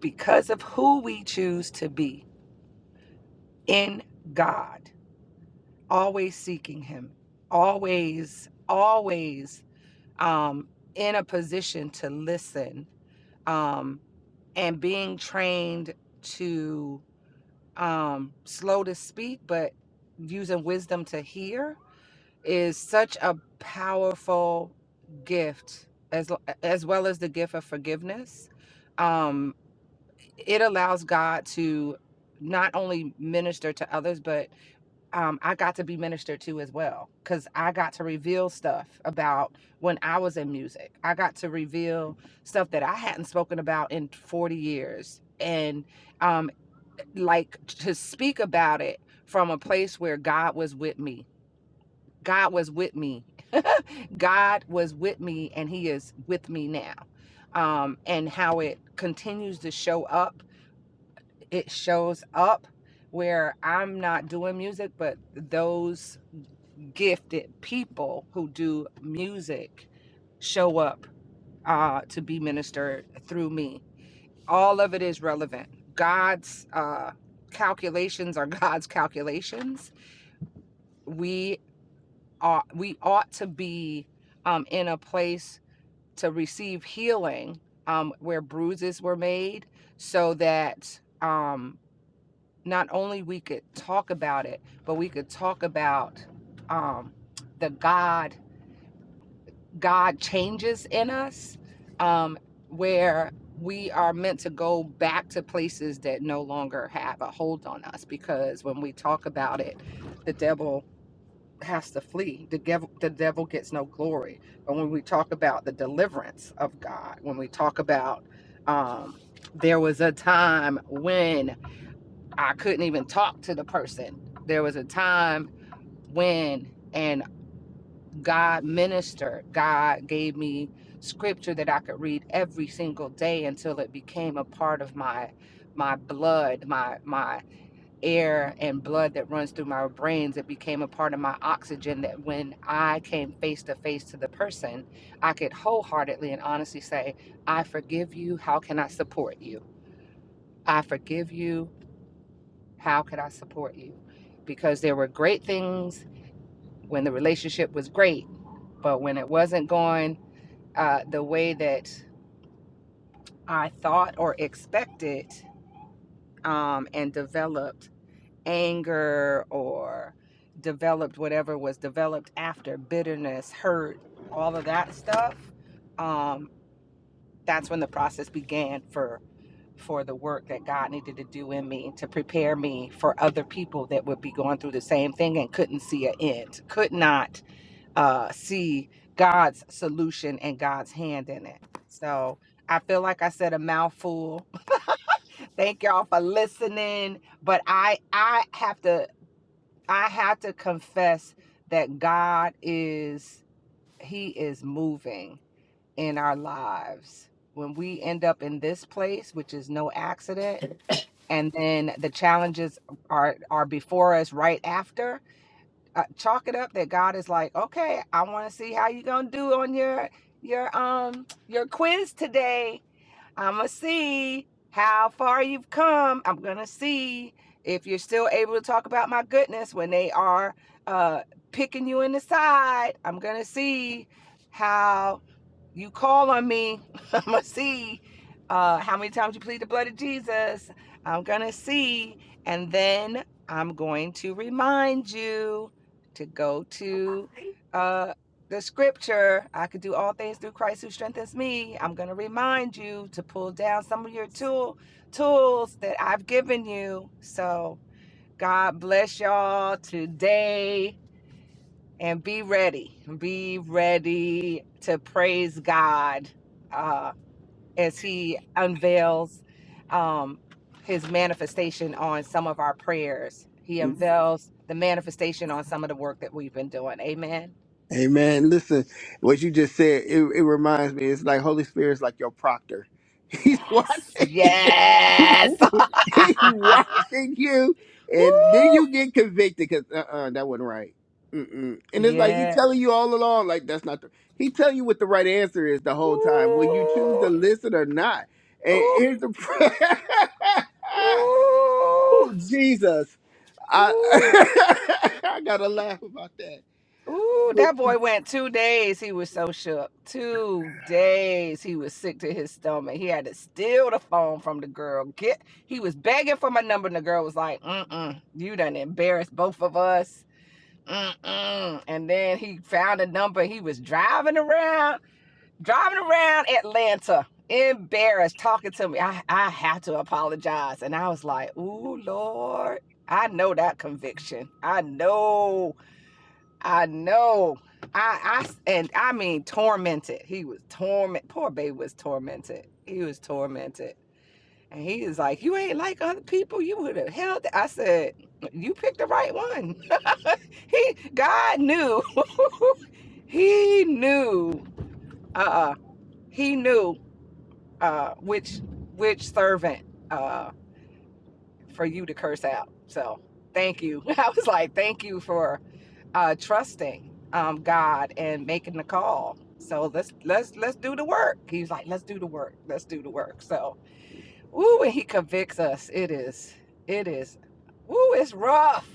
C: because of who we choose to be in God, always seeking Him, always, always um, in a position to listen, um, and being trained to um, slow to speak, but using wisdom to hear is such a powerful gift as as well as the gift of forgiveness um it allows god to not only minister to others but um i got to be ministered to as well because i got to reveal stuff about when i was in music i got to reveal stuff that i hadn't spoken about in 40 years and um like to speak about it from a place where god was with me God was with me. God was with me and he is with me now. Um, and how it continues to show up, it shows up where I'm not doing music, but those gifted people who do music show up uh, to be ministered through me. All of it is relevant. God's uh, calculations are God's calculations. We. ought we ought to be um, in a place to receive healing um, where bruises were made so that um, not only we could talk about it but we could talk about um, the god god changes in us um, where we are meant to go back to places that no longer have a hold on us because when we talk about it the devil has to flee. The devil, the devil gets no glory. But when we talk about the deliverance of God, when we talk about um, there was a time when I couldn't even talk to the person. There was a time when, and God ministered. God gave me scripture that I could read every single day until it became a part of my my blood, my my air and blood that runs through my brains it became a part of my oxygen that when i came face to face to the person i could wholeheartedly and honestly say i forgive you how can i support you i forgive you how could i support you because there were great things when the relationship was great but when it wasn't going uh, the way that i thought or expected um, and developed anger or developed whatever was developed after bitterness, hurt, all of that stuff, um, that's when the process began for for the work that God needed to do in me to prepare me for other people that would be going through the same thing and couldn't see an end, could not uh, see God's solution and God's hand in it. So I feel like I said a mouthful. Thank y'all for listening, but I I have to I had to confess that God is he is moving in our lives. When we end up in this place, which is no accident, and then the challenges are are before us right after, uh, chalk it up that God is like, "Okay, I want to see how you're going to do on your your um your quiz today I'm going to see how far you've come. I'm going to see if you're still able to talk about my goodness when they are uh, picking you in the side. I'm going to see how you call on me, I'm gonna see uh, how many times you plead the blood of Jesus. I'm gonna see, and then I'm going to remind you to go to uh, the scripture. I could do all things through Christ who strengthens me. I'm gonna remind you to pull down some of your tool tools that I've given you. So God bless y'all today and be ready. Be ready to praise God uh, as He unveils um, His manifestation on some of our prayers. He unveils the manifestation on some of the work that we've been doing. Amen.
A: Amen. Listen, what you just said, it, it reminds me, it's like Holy Spirit's like your proctor. He's
C: Yes.
A: watching you.
C: Yes.
A: He's watching you.
C: Woo.
A: And then you get convicted because, uh-uh, that wasn't right. Mm-mm. And it's like he's
C: Yeah.
A: telling you all along, like, that's not the, he telling you what the right answer is the whole time. Will you choose to
C: Ooh.
A: listen or not? And
C: Ooh.
A: here's the,
C: Ooh.
A: oh, Jesus. I,
C: Ooh.
A: I got to laugh about that.
C: Ooh,
A: Will
C: that
A: you?
C: boy went two days. He was so shook. Two days he was sick to his stomach. He had to steal the phone from the girl. Get he was begging for my number, and the girl was like, "Mm-mm, you done embarrassed both of us." Mm-mm. And then he found a number. He was driving around, driving around Atlanta, embarrassed, talking to me. I I have to apologize, and I was like, "Ooh, Lord." I know that conviction. I know I know. I, I, and I mean tormented. He was torment. Poor baby was tormented. He was tormented, and he is like, "You ain't like other people. You would have held." It. I said, "You picked the right one." he God knew. he knew. Uh, he knew uh, which which servant uh, for you to curse out. So thank you. I was like, "Thank you for." uh, trusting um, God and making the call. So let's let's let's do the work. He's like, let's do the work. Let's do the work. So, ooh, when he convicts us. It is, it is, ooh, it's rough.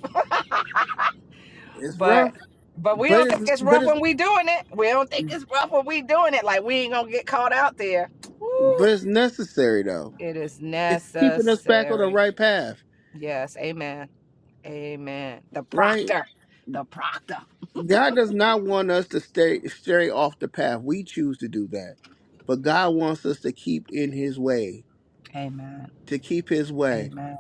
A: It's
C: But
A: rough,
C: but we
A: but
C: don't
A: it's
C: think it's
A: but
C: rough
A: it's
C: when we doing it. We don't think it's rough when we doing it. Like we ain't gonna get caught out there. Ooh,
A: but it's necessary though.
C: it is
A: It's keeping us back on the
C: necessary.
A: right path,
C: Yes, amen, amen. The
A: right?
C: proctor, the proctor.
A: God does not want us to stay stray off the path. We choose to do that, but God wants us to keep in His way,
C: Amen,
A: to keep His way.
C: amen,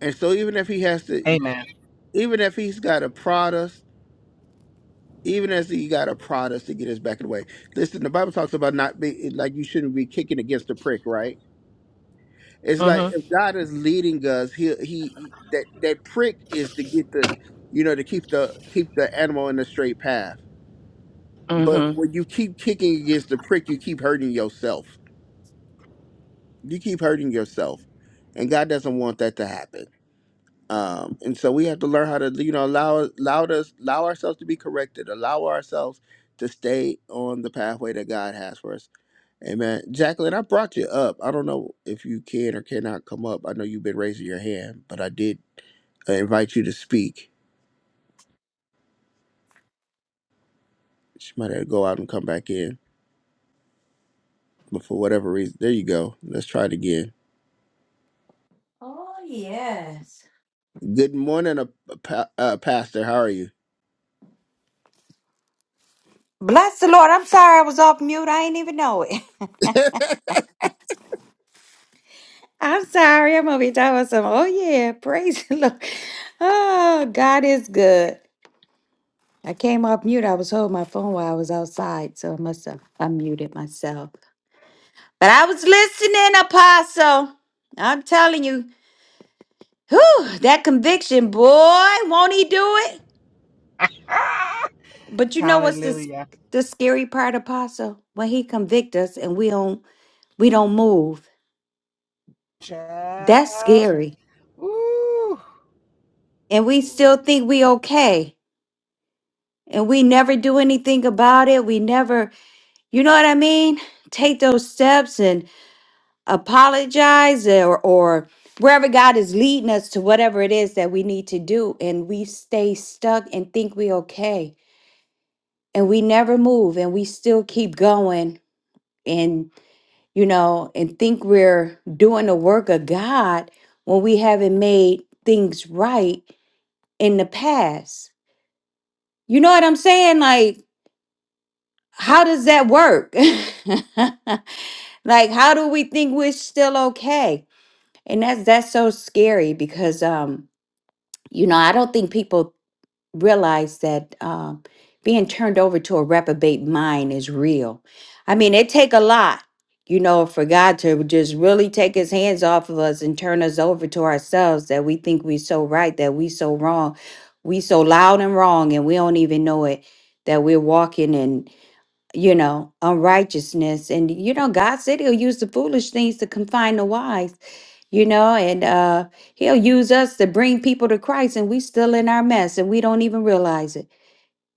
A: And so, even if He has to,
C: amen.
A: even if He's got to prod us, even as He got to prod us to get us back in the way. Listen, the Bible talks about not be like you shouldn't be kicking against the prick, right? It's like if God is leading us, he he he- that that prick is to get the you know to keep the keep the animal in the straight path.
C: Mm-hmm,
A: But when you keep kicking against the prick, you keep hurting yourself. You keep hurting yourself, and God doesn't want that to happen. Um, and so we have to learn how to you know allow allow us allow ourselves to be corrected, allow ourselves to stay on the pathway that God has for us. Amen. Jacqueline, I brought you up. I don't know if you can or cannot come up. I know you've been raising your hand, but I did I invite you to speak. She might have to go out and come back in, but for whatever reason, there you go. Let's try it again.
D: Oh, yes.
A: Good morning, uh, pa- uh, Pastor. How are you?
D: Bless the Lord. I'm sorry I was off mute. I ain't even know it. I'm sorry. I'm gonna be talking about some. Oh yeah, praise the Lord. Oh, God is good. I came off mute. I was holding my phone while I was outside, so I must have unmuted myself. But I was listening, Apostle. I'm telling you, whew, that conviction, boy, won't he do it? But you know what's this
C: Hallelujah.
D: the scary part, Apostle? When he convict us and we don't we don't move. That's
C: Child.
D: scary.
C: Woo.
D: And we
C: Woo.
D: still think we okay. And we never do anything about it. We never, you know what I mean? Take those steps and apologize or or wherever God is leading us to whatever it is that we need to do and we stay stuck and think we okay. And we never move and we still keep going and you know and think we're doing the work of God when we haven't made things right in the past. You know what I'm saying? Like, how does that work? like, how do we think we're still okay? And that's that's so scary because um, you know, I don't think people realize that um, being turned over to a reprobate mind is real. I mean, it take a lot, you know, for God to just really take His hands off of us and turn us over to ourselves that we think we so right, that we so wrong, we so loud and wrong, and we don't even know it. That we're walking in, you know, unrighteousness, and you know, God said He'll use the foolish things to confine the wise you know, and uh, he'll use us to bring people to Christ, and we still in our mess, and we don't even realize it,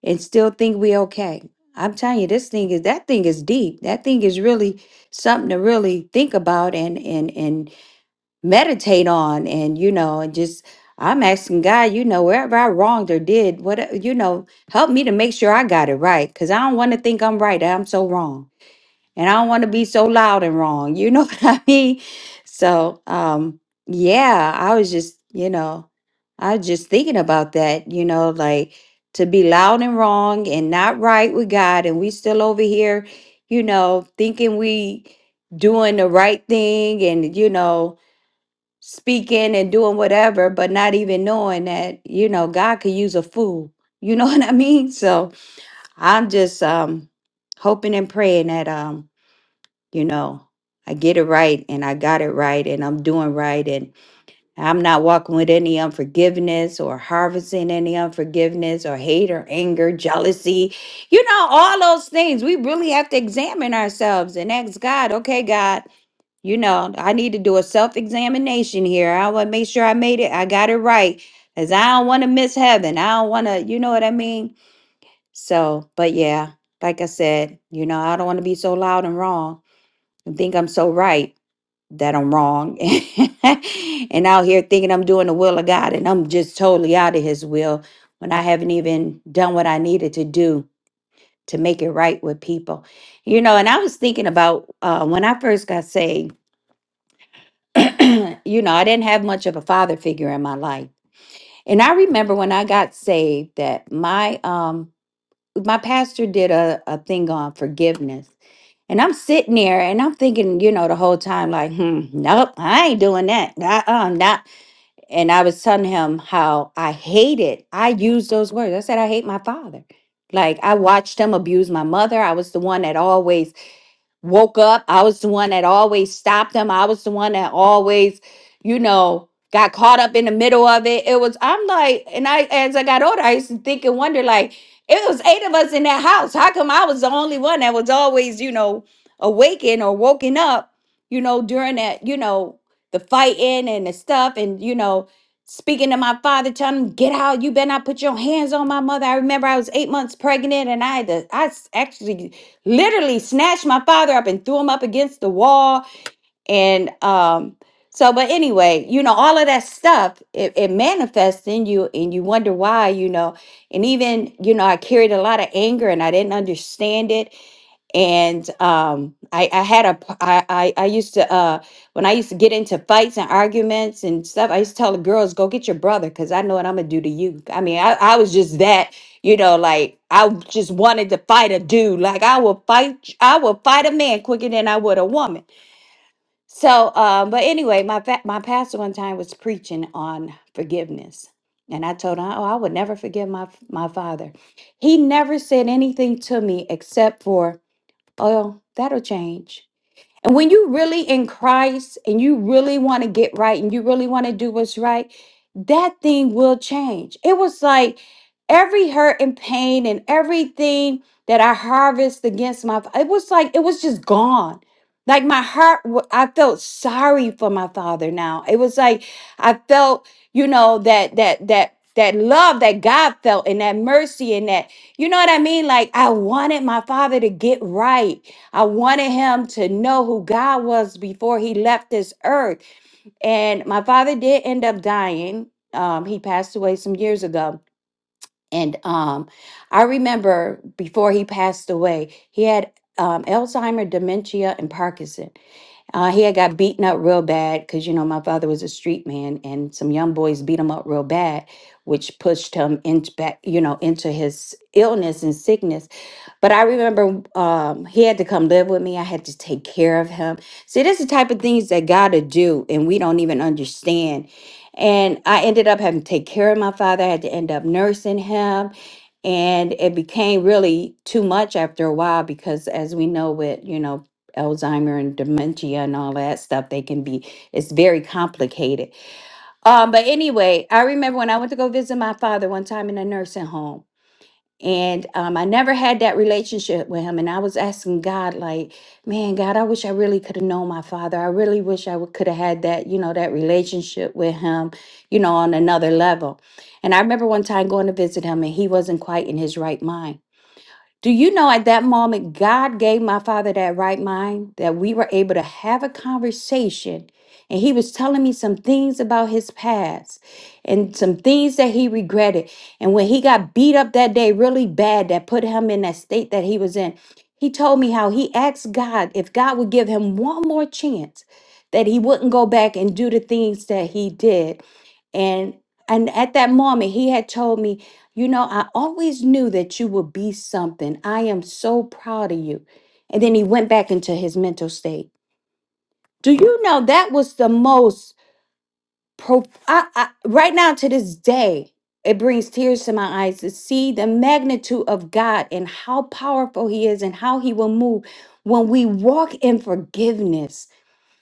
D: and still think we okay. I'm telling you, this thing is that thing is deep. That thing is really something to really think about and and and meditate on, and you know, and just I'm asking God, you know, wherever I wronged or did, what you know, help me to make sure I got it right, cause I don't want to think I'm right. and I'm so wrong and I don't want to be so loud and wrong. You know what I mean? So, um, yeah, I was just, you know, I was just thinking about that, you know, like to be loud and wrong and not right with God, and we still over here, you know, thinking we doing the right thing and, you know, speaking and doing whatever, but not even knowing that, you know, God could use a fool. You know what I mean? So I'm just um hoping and praying that um you know i get it right and i got it right and i'm doing right and i'm not walking with any unforgiveness or harvesting any unforgiveness or hate or anger jealousy you know all those things we really have to examine ourselves and ask god okay god you know i need to do a self-examination here i want to make sure i made it i got it right because i don't want to miss heaven i don't want to you know what i mean so but yeah like i said you know i don't want to be so loud and wrong and think i'm so right that I'm wrong and out here thinking I'm doing the will of God and I'm just totally out of His will when I haven't even done what I needed to do to make it right with people. You know, and I was thinking about uh, when I first got saved, you know, I didn't have much of a father figure in my life. And I remember when I got saved that my, um, my pastor did a, a thing on forgiveness. And I'm sitting there and I'm thinking, you know, the whole time, like, hmm, nope, I ain't doing that. Uh-uh, not and I was telling him how I hated, I used those words. I said, I hate my father. Like I watched him abuse my mother. I was the one that always woke up. I was the one that always stopped him. I was the one that always, you know, got caught up in the middle of it. It was, I'm like, and I, as I got older, I used to think and wonder, like, it was eight of us in that house. How come I was the only one that was always, you know, awakened or woken up, you know, during that, you know, the fighting and the stuff and, you know, speaking to my father, telling him, get out, you better not put your hands on my mother. I remember I was eight months pregnant and I had to, I s- actually literally snatched my father up and threw him up against the wall and um so but anyway you know all of that stuff it, it manifests in you and you wonder why you know and even you know i carried a lot of anger and i didn't understand it and um, I, I had a p- I, I I used to uh, when I used to get into fights and arguments and stuff. I used to tell the girls, "Go get your brother," because I know what I'm gonna do to you. I mean, I, I was just that, you know, like I w- just wanted to fight a dude. Like I will fight, I will fight a man quicker than I would a woman. So, um, but anyway, my fa- my pastor one time was preaching on forgiveness, and I told him, "Oh, I would never forgive my f- my father." He never said anything to me except for Oh, that'll change. And when you really in Christ and you really want to get right and you really want to do what's right, that thing will change. It was like every hurt and pain and everything that I harvest against my fa- it was like it was just gone. Like my heart wa- I felt sorry for my father now. It was like I felt, you know, that that that that love that God felt and that mercy and that you know what I mean? Like I wanted my father to get right. I wanted him to know who God was before he left this earth. And my father did end up dying. Um, he passed away some years ago. And um, I remember before he passed away, he had um, Alzheimer, dementia, and Parkinson. Uh, he had got beaten up real bad because, you know, my father was a street man and some young boys beat him up real bad, which pushed him into back, you know, into his illness and sickness. But I remember um, he had to come live with me. I had to take care of him. See, this is the type of things that God to do, and we don't even understand. And I ended up having to take care of my father. I had to end up nursing him. And it became really too much after a while because, as we know, with you know Alzheimer and dementia and all that stuff. They can be, it's very complicated. Um, but anyway, I remember when I went to go visit my father one time in a nursing home. And um, I never had that relationship with him. And I was asking God, like, man, God, I wish I really could have known my father. I really wish I could have had that, you know, that relationship with him, you know, on another level. And I remember one time going to visit him and he wasn't quite in his right mind. Do you know at that moment, God gave my father that right mind that we were able to have a conversation? And he was telling me some things about his past and some things that he regretted. And when he got beat up that day really bad, that put him in that state that he was in, he told me how he asked God if God would give him one more chance, that he wouldn't go back and do the things that he did and and at that moment he had told me you know i always knew that you would be something i am so proud of you and then he went back into his mental state do you know that was the most pro I, I, right now to this day it brings tears to my eyes to see the magnitude of god and how powerful he is and how he will move when we walk in forgiveness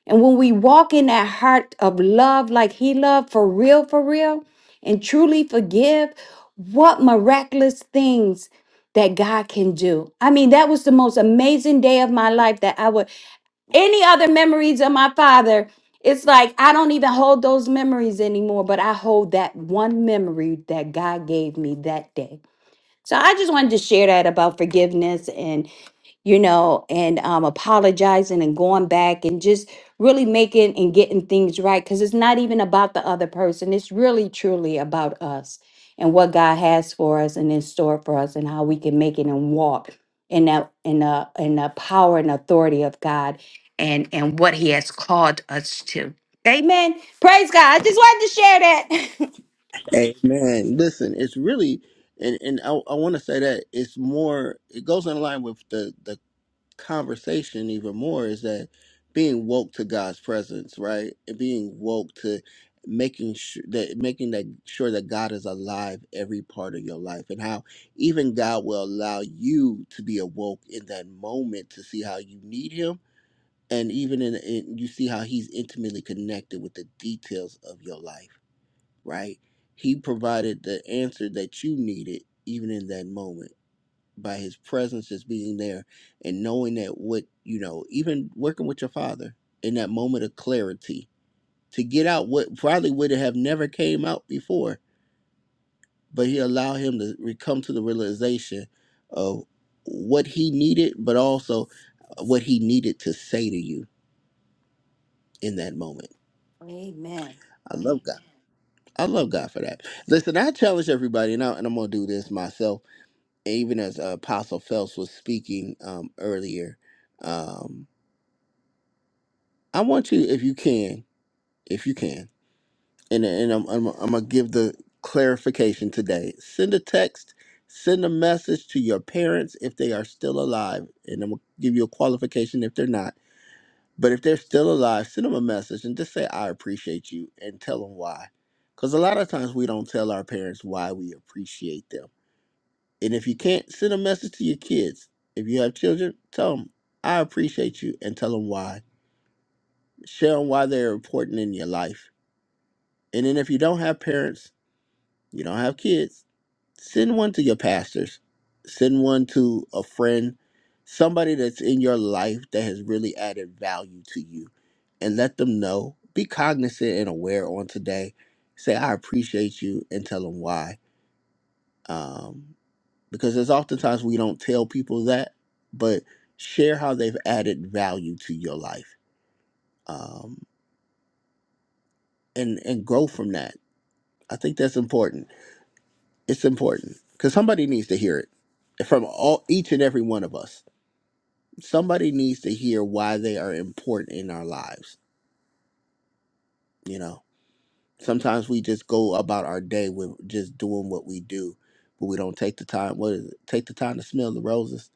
D: and when we walk in that heart of love, like He loved for real, for real, and truly forgive, what miraculous things that God can do. I mean, that was the most amazing day of my life that I would, any other memories of my father, it's like I don't even hold those memories anymore, but I hold that one memory that God gave me that day. So I just wanted to share that about forgiveness and you know, and um, apologizing and going back and just really making and getting things right. Because it's not even about the other person, it's really truly about us and what God has for us and in store for us and how we can make it and walk in that in the in the power and authority of God and and what he has called us to. Amen. Praise God. I just wanted to share that.
A: Amen. Listen, it's really, and and I, I want to say that it's more. It goes in line with the the conversation even more is that being woke to God's presence, right? And being woke to making sure that making that sure that God is alive every part of your life and how even God will allow you to be awoke in that moment to see how you need him and even in, in you see how he's intimately connected with the details of your life, right? He provided the answer that you needed even in that moment by his presence just being there and knowing that what you know even working with your father in that moment of clarity to get out what probably would have never came out before but he allowed him to re- come to the realization of what he needed but also uh, what he needed to say to you in that moment
D: Amen.
A: i love god i love god for that listen i challenge everybody and, I, and i'm gonna do this myself even as uh, apostle phelps was speaking um, earlier Um, I want you, if you can, if you can, and and I'm I'm, I'm gonna give the clarification today. Send a text, send a message to your parents if they are still alive, and I'm gonna give you a qualification if they're not. But if they're still alive, send them a message and just say I appreciate you and tell them why. Because a lot of times we don't tell our parents why we appreciate them. And if you can't send a message to your kids, if you have children, tell them I appreciate you and tell them why. Share 'em why they're important in your life And then if you don't have parents, you don't have kids, send one to your pastors, send one to a friend, somebody that's in your life that has really added value to you, and let them know. Be cognizant and aware on today. Say, I appreciate you and tell them why. Um, because there's oftentimes we don't tell people that, but share how they've added value to your life um, and, and grow from that. I think that's important It's important because somebody needs to hear it from all each and every one of us. Somebody needs to hear why they are important in our lives. You know, sometimes we just go about our day with just doing what we do, but we don't take the time. What is it? Take the time to smell the roses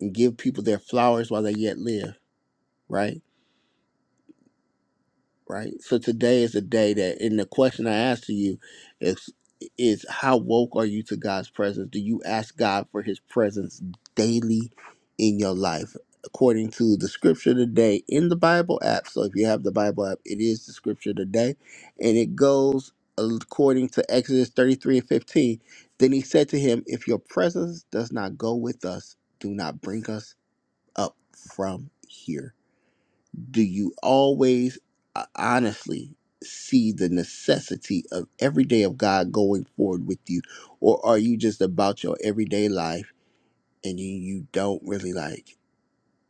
A: and give people their flowers while they yet live. Right right? So today is a day that, and the question I ask to you is, is how woke are you to God's presence? Do you ask God for His presence daily in your life? According to the scripture today in the Bible app. So if you have the Bible app, it is the scripture today. And it goes according to Exodus 33 and 15. Then he said to him, If your presence does not go with us, do not bring us up from here do you always uh, honestly see the necessity of every day of God going forward with you? Or are you just about your everyday life and you, you don't really like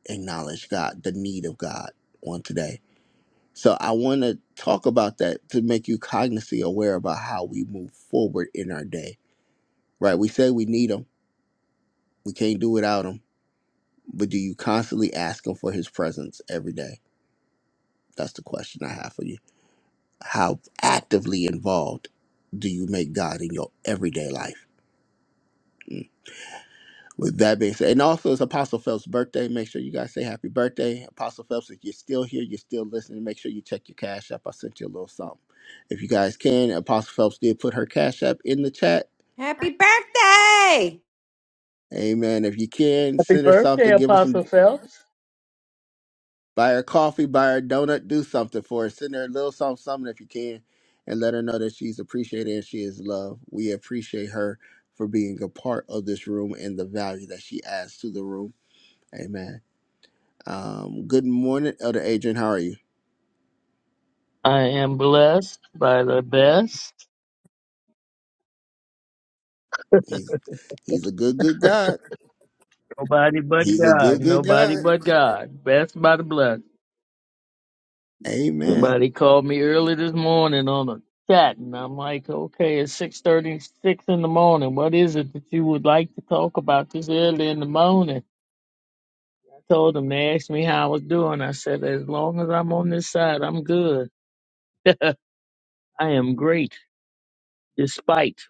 A: acknowledge God, the need of God on today? So I want to talk about that to make you cognizantly aware about how we move forward in our day, right? We say we need Him, we can't do without Him, but do you constantly ask Him for His presence every day? That's the question I have for you. how actively involved do you make God in your everyday life? Mm. With that being said, and also it's Apostle Phelps' birthday. Make sure you guys say happy birthday. Apostle Phelps, if you're still here, you're still listening, make sure you check your Cash App. I sent you a little something. If you guys can, Apostle Phelps did put her Cash App in the chat.
D: Happy birthday.
A: Amen. If you can,
E: Happy
A: send her
E: birthday,
A: something, give her some
E: Apostle Phelps.
A: Buy her coffee, buy her donut, do something for her. Send her a little something, something if you can, and let her know that she's appreciated and she is loved. We appreciate her for being a part of this room and the value that she adds to the room. Amen. Um, good morning, Elder Adrian. How are you?
E: I am blessed by the best.
A: He's he's a good, good God.
E: Nobody but
A: He's a
E: God.
A: good, good
E: Nobody
A: God.
E: but God. Best by the blessed.
A: Amen.
E: Somebody called me early this morning on a chat, and I'm like, okay, it's 6.36 in the morning. What is it that you would like to talk about this early in the morning? I told them, they asked me how I was doing. I said, as long as I'm on this side, I'm good. I am great, despite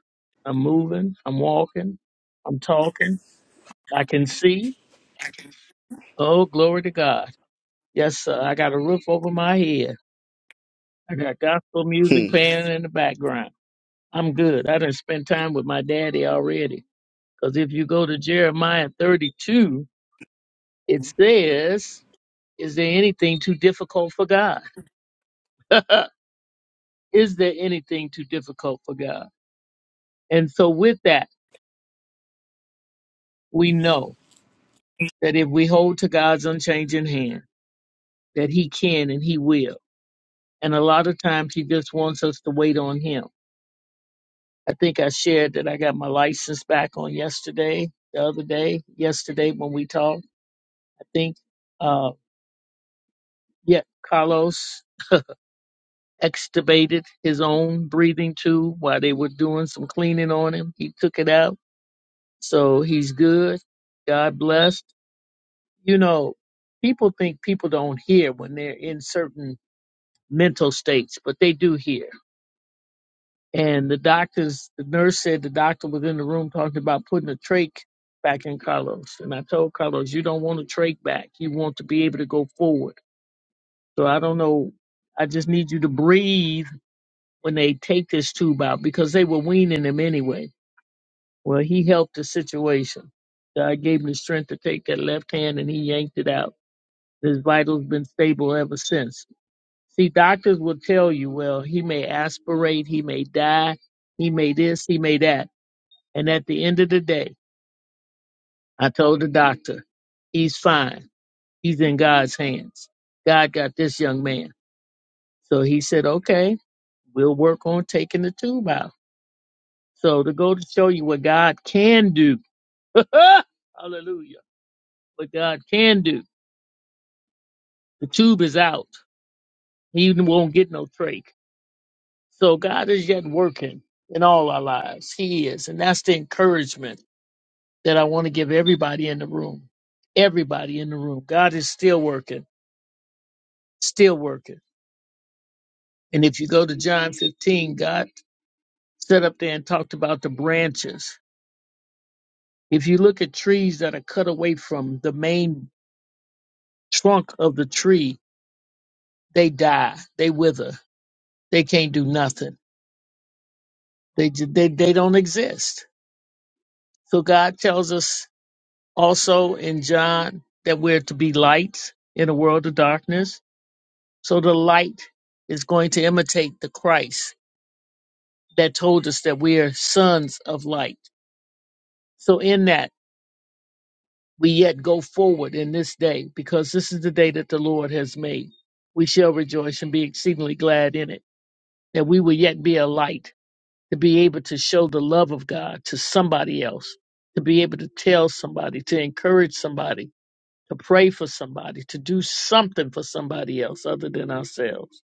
E: I'm moving, I'm walking, I'm talking, I can see. Oh, glory to God. Yes, sir. I got a roof over my head. I got gospel music
A: Hmm.
E: playing in the background. I'm good. I done spent time with my daddy already. Because if you go to Jeremiah 32, it says, Is there anything too difficult for God? Is there anything too difficult for God? And so, with that, we know that if we hold to God's unchanging hand, that He can and He will. And a lot of times, He just wants us to wait on Him I think I shared that I got my license back on yesterday, the other day, yesterday when we talked. I think, uh, yeah, Carlos extubated his own breathing tube while they were doing some cleaning on him. He took it out. So he's good. God blessed. You know, people think people don't hear when they're in certain mental states, but they do hear And the doctors, the nurse said the doctor was in the room talking about putting a trach back in Carlos. And I told Carlos, you don't want a trach back. You want to be able to go forward. So I don't know. I just need you to breathe when they take this tube out because they were weaning him anyway. Well, he helped the situation. I gave him the strength to take that left hand and he yanked it out. His vitals been stable ever since. See, doctors will tell you, well, he may aspirate, he may die, he may this, he may that And at the end of the day, I told the doctor, he's fine. He's in God's hands. God got this young man. So he said, okay, we'll work on taking the tube out. So to go to show you what God can do, hallelujah, what God can do, the tube is out. He won't get no trach. So God is yet working in all our lives. He is. And that's the encouragement that I want to give everybody in the room. Everybody in the room. God is still working. still working. And if you go to John 15, God set up there and talked about the branches. If you look at trees that are cut away from the main trunk of the tree, they die, they wither, they can't do nothing. They ju- they they don't exist. So God tells us also in John that we're to be lights in a world of darkness. So the light is going to imitate the Christ that told us that we are sons of light. So in that we yet go forward in this day, because this is the day that the Lord has made. We shall rejoice and be exceedingly glad in it, that we will yet be a light, to be able to show the love of God to somebody else, to be able to tell somebody, to encourage somebody, to pray for somebody, to do something for somebody else other than ourselves.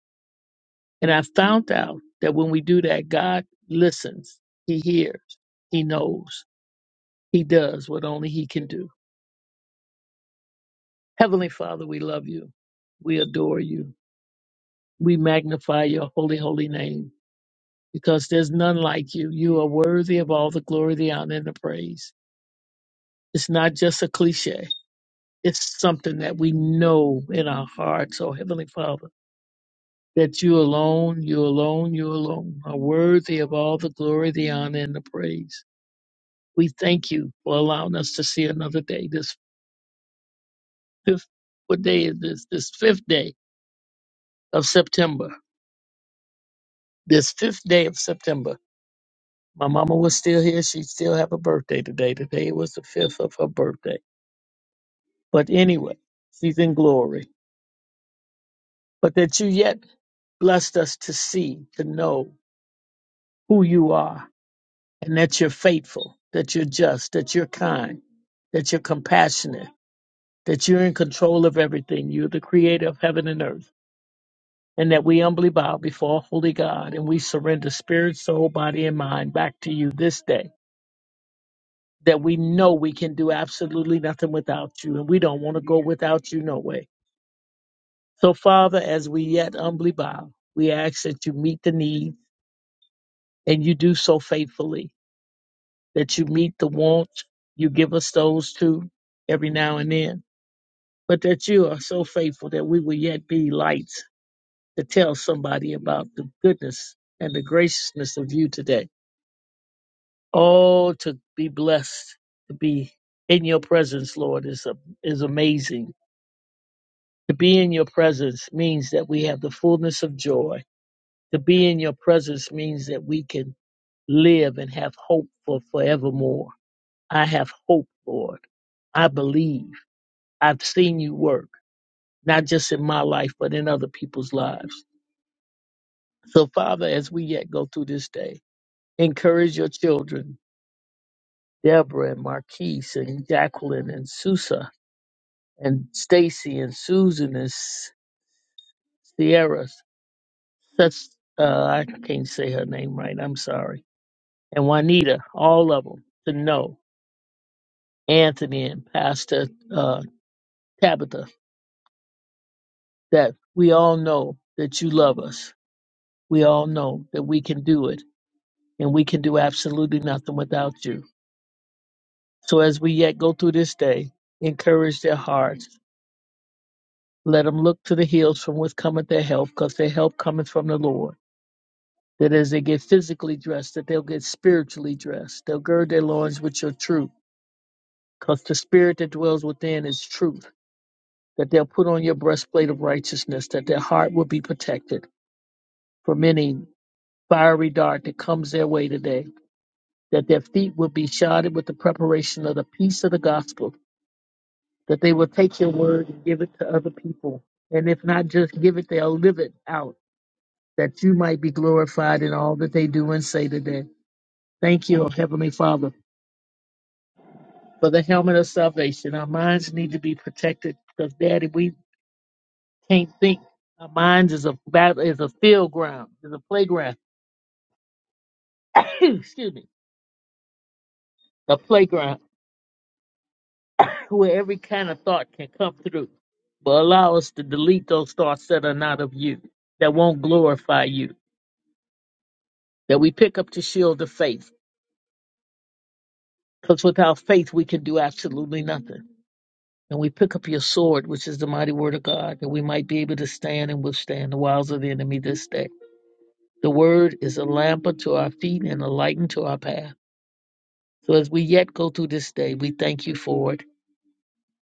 E: And I found out that when we do that, God listens, He hears, He knows, He does what only He can do. Heavenly Father, we love you. We adore you. We magnify your holy, holy name because there's none like you. You are worthy of all the glory, the honor, and the praise. It's not just a cliche, it's something that we know in our hearts, oh Heavenly Father, that you alone, you alone, you alone are worthy of all the glory, the honor, and the praise. We thank you for allowing us to see another day. This fifth, what day is this? This fifth day of September. This fifth day of September. my mama was still here, she'd still have a birthday today. Today was the fifth of her birthday. But anyway, she's in glory. But that you yet blessed us to see, to know who you are, and that you're faithful, that you're just, that you're kind, that you're compassionate, that you're in control of everything. You're the creator of heaven and earth. And that we humbly bow before holy God and we surrender spirit, soul, body, and mind back to you this day that we know we can do absolutely nothing without you, and we don't want to go without you no way. So, Father, as we yet humbly bow, we ask that you meet the need, and you do so faithfully, that you meet the wants, you give us those too, every now and then, but that you are so faithful that we will yet be lights to tell somebody about the goodness and the graciousness of you today. Oh, to be blessed to be in your presence, Lord, is, a, is amazing To be in your presence means that we have the fullness of joy. To be in your presence means that we can live and have hope for forevermore. I have hope, Lord. I believe. I've seen you work, not just in my life, but in other people's lives. So, Father, as we yet go through this day, encourage your children, Deborah and Marquise and Jacqueline and Susa and Stacy and Susan and S- Sierra. That's, uh, I can't say her name right. I'm sorry and Juanita, all of them, to know Anthony and Pastor uh, Tabitha that we all know that you love us. We all know that we can do it and we can do absolutely nothing without you. So as we yet go through this day, encourage their hearts. Let them look to the hills from which cometh their help, because their help cometh from the Lord. That as they get physically dressed, that they'll get spiritually dressed. They'll gird their loins with your truth, because the spirit that dwells within is truth that they'll put on your breastplate of righteousness, that their heart will be protected from any fiery dart that comes their way today, that their feet will be shodded with the preparation of the peace of the gospel, that they will take your word and give it to other people. And if not just give it, they'll live it out, that you might be glorified in all that they do and say today. Thank you, Heavenly Father, for the helmet of salvation. Our minds need to be protected because, Daddy, we Can't think. Our minds is a battle is a field ground, is a playground. Excuse me. A playground where every kind of thought can come through. But allow us to delete those thoughts that are not of you, that won't glorify you, that we pick up the shield of faith. Because without faith we can do absolutely nothing. And we pick up your sword, which is the mighty word of God, that we might be able to stand and withstand the wiles of the enemy this day. The word is a lamp unto our feet and a light unto our path. So as we yet go through this day, we thank you for it.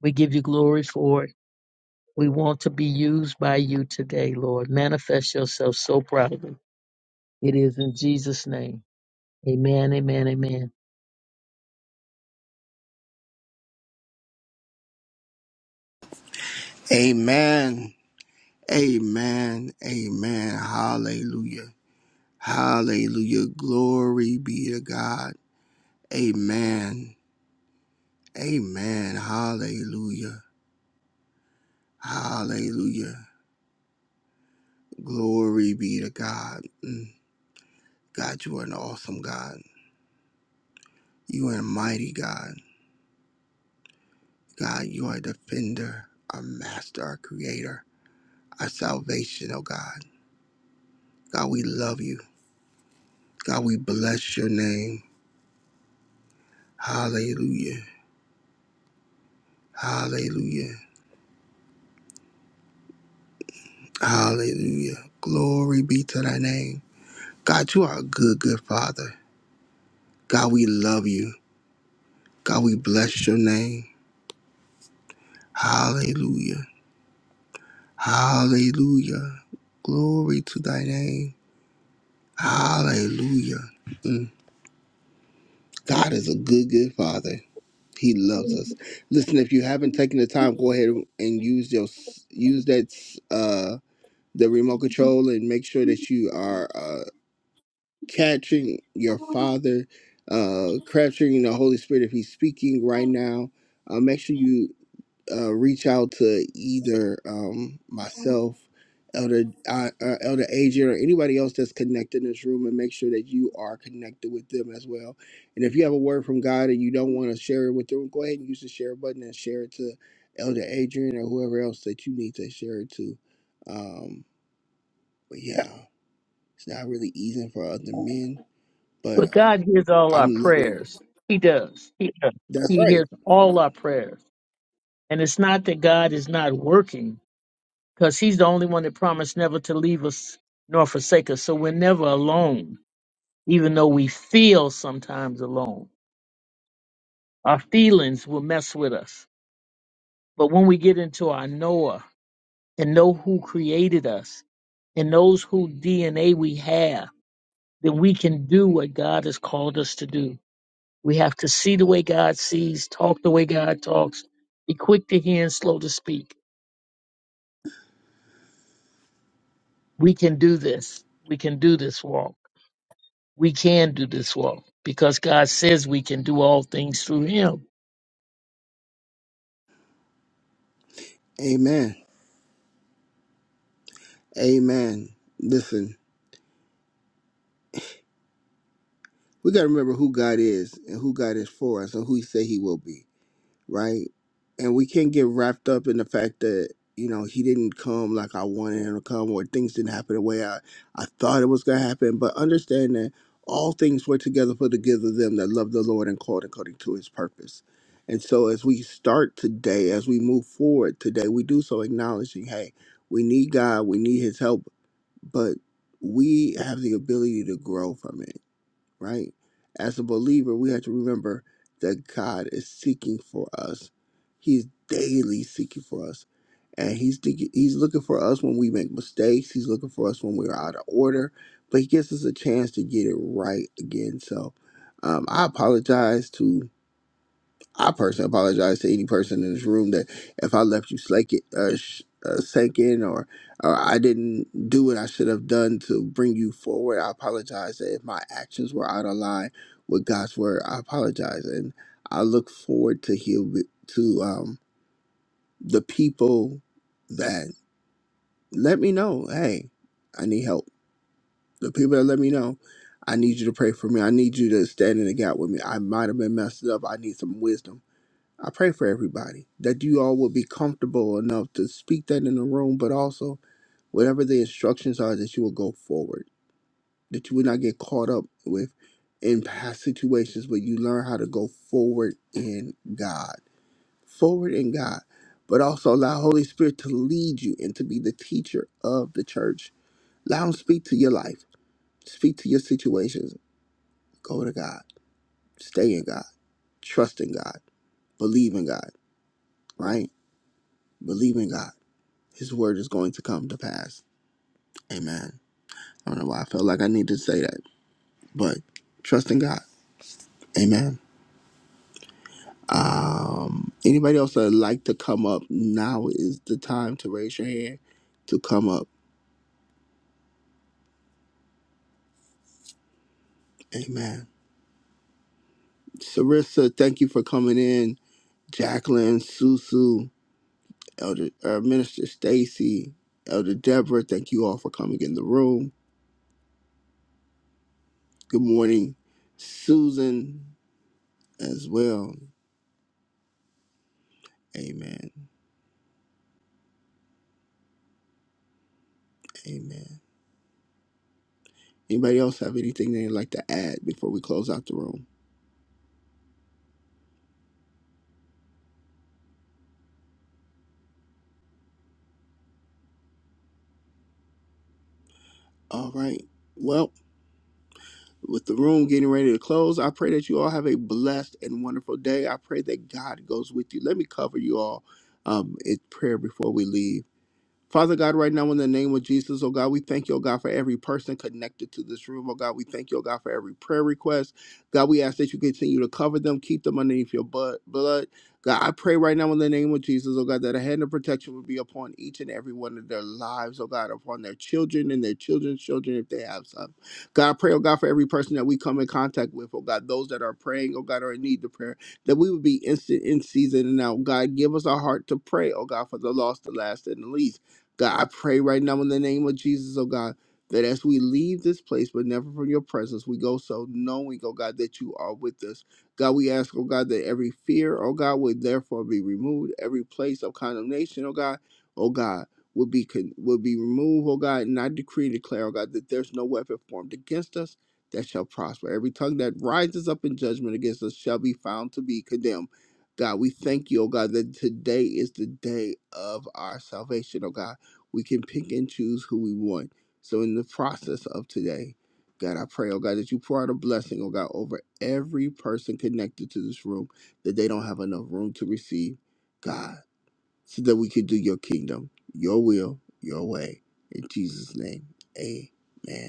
E: We give you glory for it. We want to be used by you today, Lord. Manifest yourself so proudly. It is in Jesus' name. Amen, amen, amen.
A: Amen. Amen. Amen. Hallelujah. Hallelujah. Glory be to God. Amen. Amen. Hallelujah. Hallelujah. Glory be to God. Mm. God, you are an awesome God. You are a mighty God. God, you are a defender, our master, our creator, our salvation, oh God. God, we love you. God, we bless your name. Hallelujah. Hallelujah. Hallelujah. Glory be to thy name. God, you are a good, good father. God, we love you. God, we bless your name. Hallelujah. Hallelujah. Glory to thy name. Hallelujah. Mm. God is a good, good father. He loves us. Listen, if you haven't taken the time, go ahead and use your use that uh the remote control and make sure that you are uh catching your father, uh capturing the Holy Spirit if he's speaking right now. Uh, make sure you uh, reach out to either um, myself, Elder uh, uh, Elder Adrian, or anybody else that's connected in this room, and make sure that you are connected with them as well. And if you have a word from God and you don't want to share it with them, go ahead and use the share button and share it to Elder Adrian or whoever else that you need to share it to. Um, but yeah, it's not really easy for other men, but
E: But
A: uh,
E: God hears all our
A: I'm loving.
E: prayers. He does. He does.
A: That's
E: He
A: right.
E: hears all our prayers. And it's not that God is not working, because He's the only one that promised never to leave us nor forsake us. So we're never alone, even though we feel sometimes alone. Our feelings will mess with us But when we get into our Noah and know who created us and knows who DNA we have, then we can do what God has called us to do. We have to see the way God sees, talk the way God talks, be quick to hear and slow to speak. We can do this. We can do this walk. We can do this walk because God says we can do all things through Him.
A: Amen. Amen. Listen. we got to remember who God is and who God is for us and who He said He will be, right? And we can't get wrapped up in the fact that you know He didn't come like I wanted Him to come, or things didn't happen the way I I thought it was gonna happen. But understand that all things work together for the good of them that love the Lord and called according to His purpose. And so as we start today, as we move forward today, we do so acknowledging, hey, we need God, we need His help, but we have the ability to grow from it right? As a believer, we have to remember that God is seeking for us. He's daily seeking for us. And he's he's looking for us when we make mistakes. He's looking for us when we're out of order. But he gives us a chance to get it right again. So um, I apologize to I personally apologize to any person in this room that if I left you slake it, uh, sh- uh, sinking or uh, I didn't do what I should have done to bring you forward. I apologize that if my actions were out of line with God's word. I apologize, and I look forward to heal to um, the people that let me know. Hey, I need help. The people that let me know. I need you to pray for me. I need you to stand in the gap with me. I might have been messed up. I need some wisdom. I pray for everybody that you all will be comfortable enough to speak that in the room, but also whatever the instructions are, that you will go forward, that you will not get caught up with in past situations, but you learn how to go forward in God, forward in God, but also allow Holy Spirit to lead you and to be the teacher of the church. Allow Him to speak to your life, speak to your situations. Go to God, stay in God, trust in God, believe in God, right? Believe in God His word is going to come to pass. Amen. I don't know why I felt like I need to say that, but trust in God. Amen. Um, anybody else that would like to come up? Now is the time to raise your hand to come up. Amen. Sarissa, thank you for coming in. Jacqueline, Susu, Elder uh, Minister Stacy, Elder Deborah, thank you all for coming in the room. Good morning, Susan, as well. Amen. Amen. Anybody else have anything they'd like to add before we close out the room? All right. Well, with the room getting ready to close, I pray that you all have a blessed and wonderful day. I pray that God goes with you. Let me cover you all um, in prayer before we leave. Father God, right now in the name of Jesus, oh God, we thank you, oh God, for every person connected to this room. Oh God, we thank you, oh God, for every prayer request. God, we ask that you continue to cover them, keep them underneath your bu- blood. God, I pray right now in the name of Jesus, oh God, that a hand of protection would be upon each and every one of their lives, oh God, upon their children and their children's children if they have some. God, I pray, oh God, for every person that we come in contact with, oh God, those that are praying, oh God, are in need of prayer, that we would be instant in season and out. God, give us a heart to pray, oh God, for the lost, the last, and the least. God, I pray right now in the name of Jesus, oh God, that as we leave this place, but never from your presence, we go so knowing, oh God, that you are with us. God, we ask, oh God, that every fear, oh God, would therefore be removed, every place of condemnation, oh God, oh God. Would be con- would be removed, oh God, and I decree and declare, oh God, that there's no weapon formed against us that shall prosper. Every tongue that rises up in judgment against us shall be found to be condemned. God, we thank you, oh God, that today is the day of our salvation, oh God. We can pick and choose who we want. So in the process of today, God, I pray, oh God, that you pour out a blessing, oh God, over every person connected to this room that they don't have enough room to receive, God, so that we can do your kingdom, your will, your way. In Jesus' name, amen.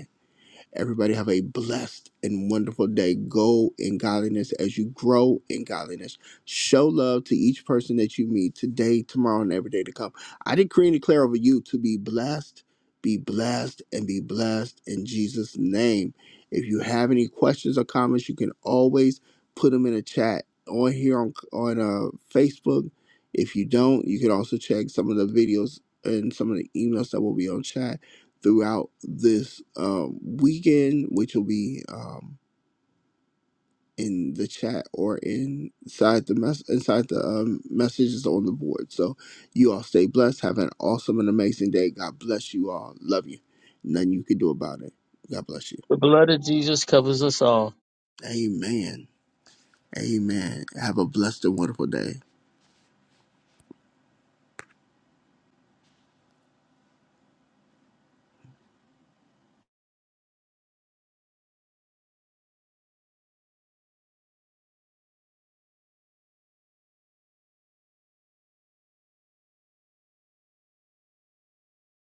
A: Everybody have a blessed and wonderful day. Go in godliness as you grow in godliness. Show love to each person that you meet today, tomorrow, and every day to come. I decree and declare over you to be blessed, be blessed, and be blessed in Jesus' name. If you have any questions or comments, you can always put them in a chat on here on on uh, Facebook. If you don't, you can also check some of the videos and some of the emails that will be on chat throughout this um, weekend, which will be um, in the chat or inside the mess inside the um, messages on the board. So you all stay blessed. Have an awesome and amazing day. God bless you all. Love you. Nothing you can do about it. God bless you.
E: The blood of Jesus covers us all.
A: Amen. Amen. Have a blessed and wonderful day.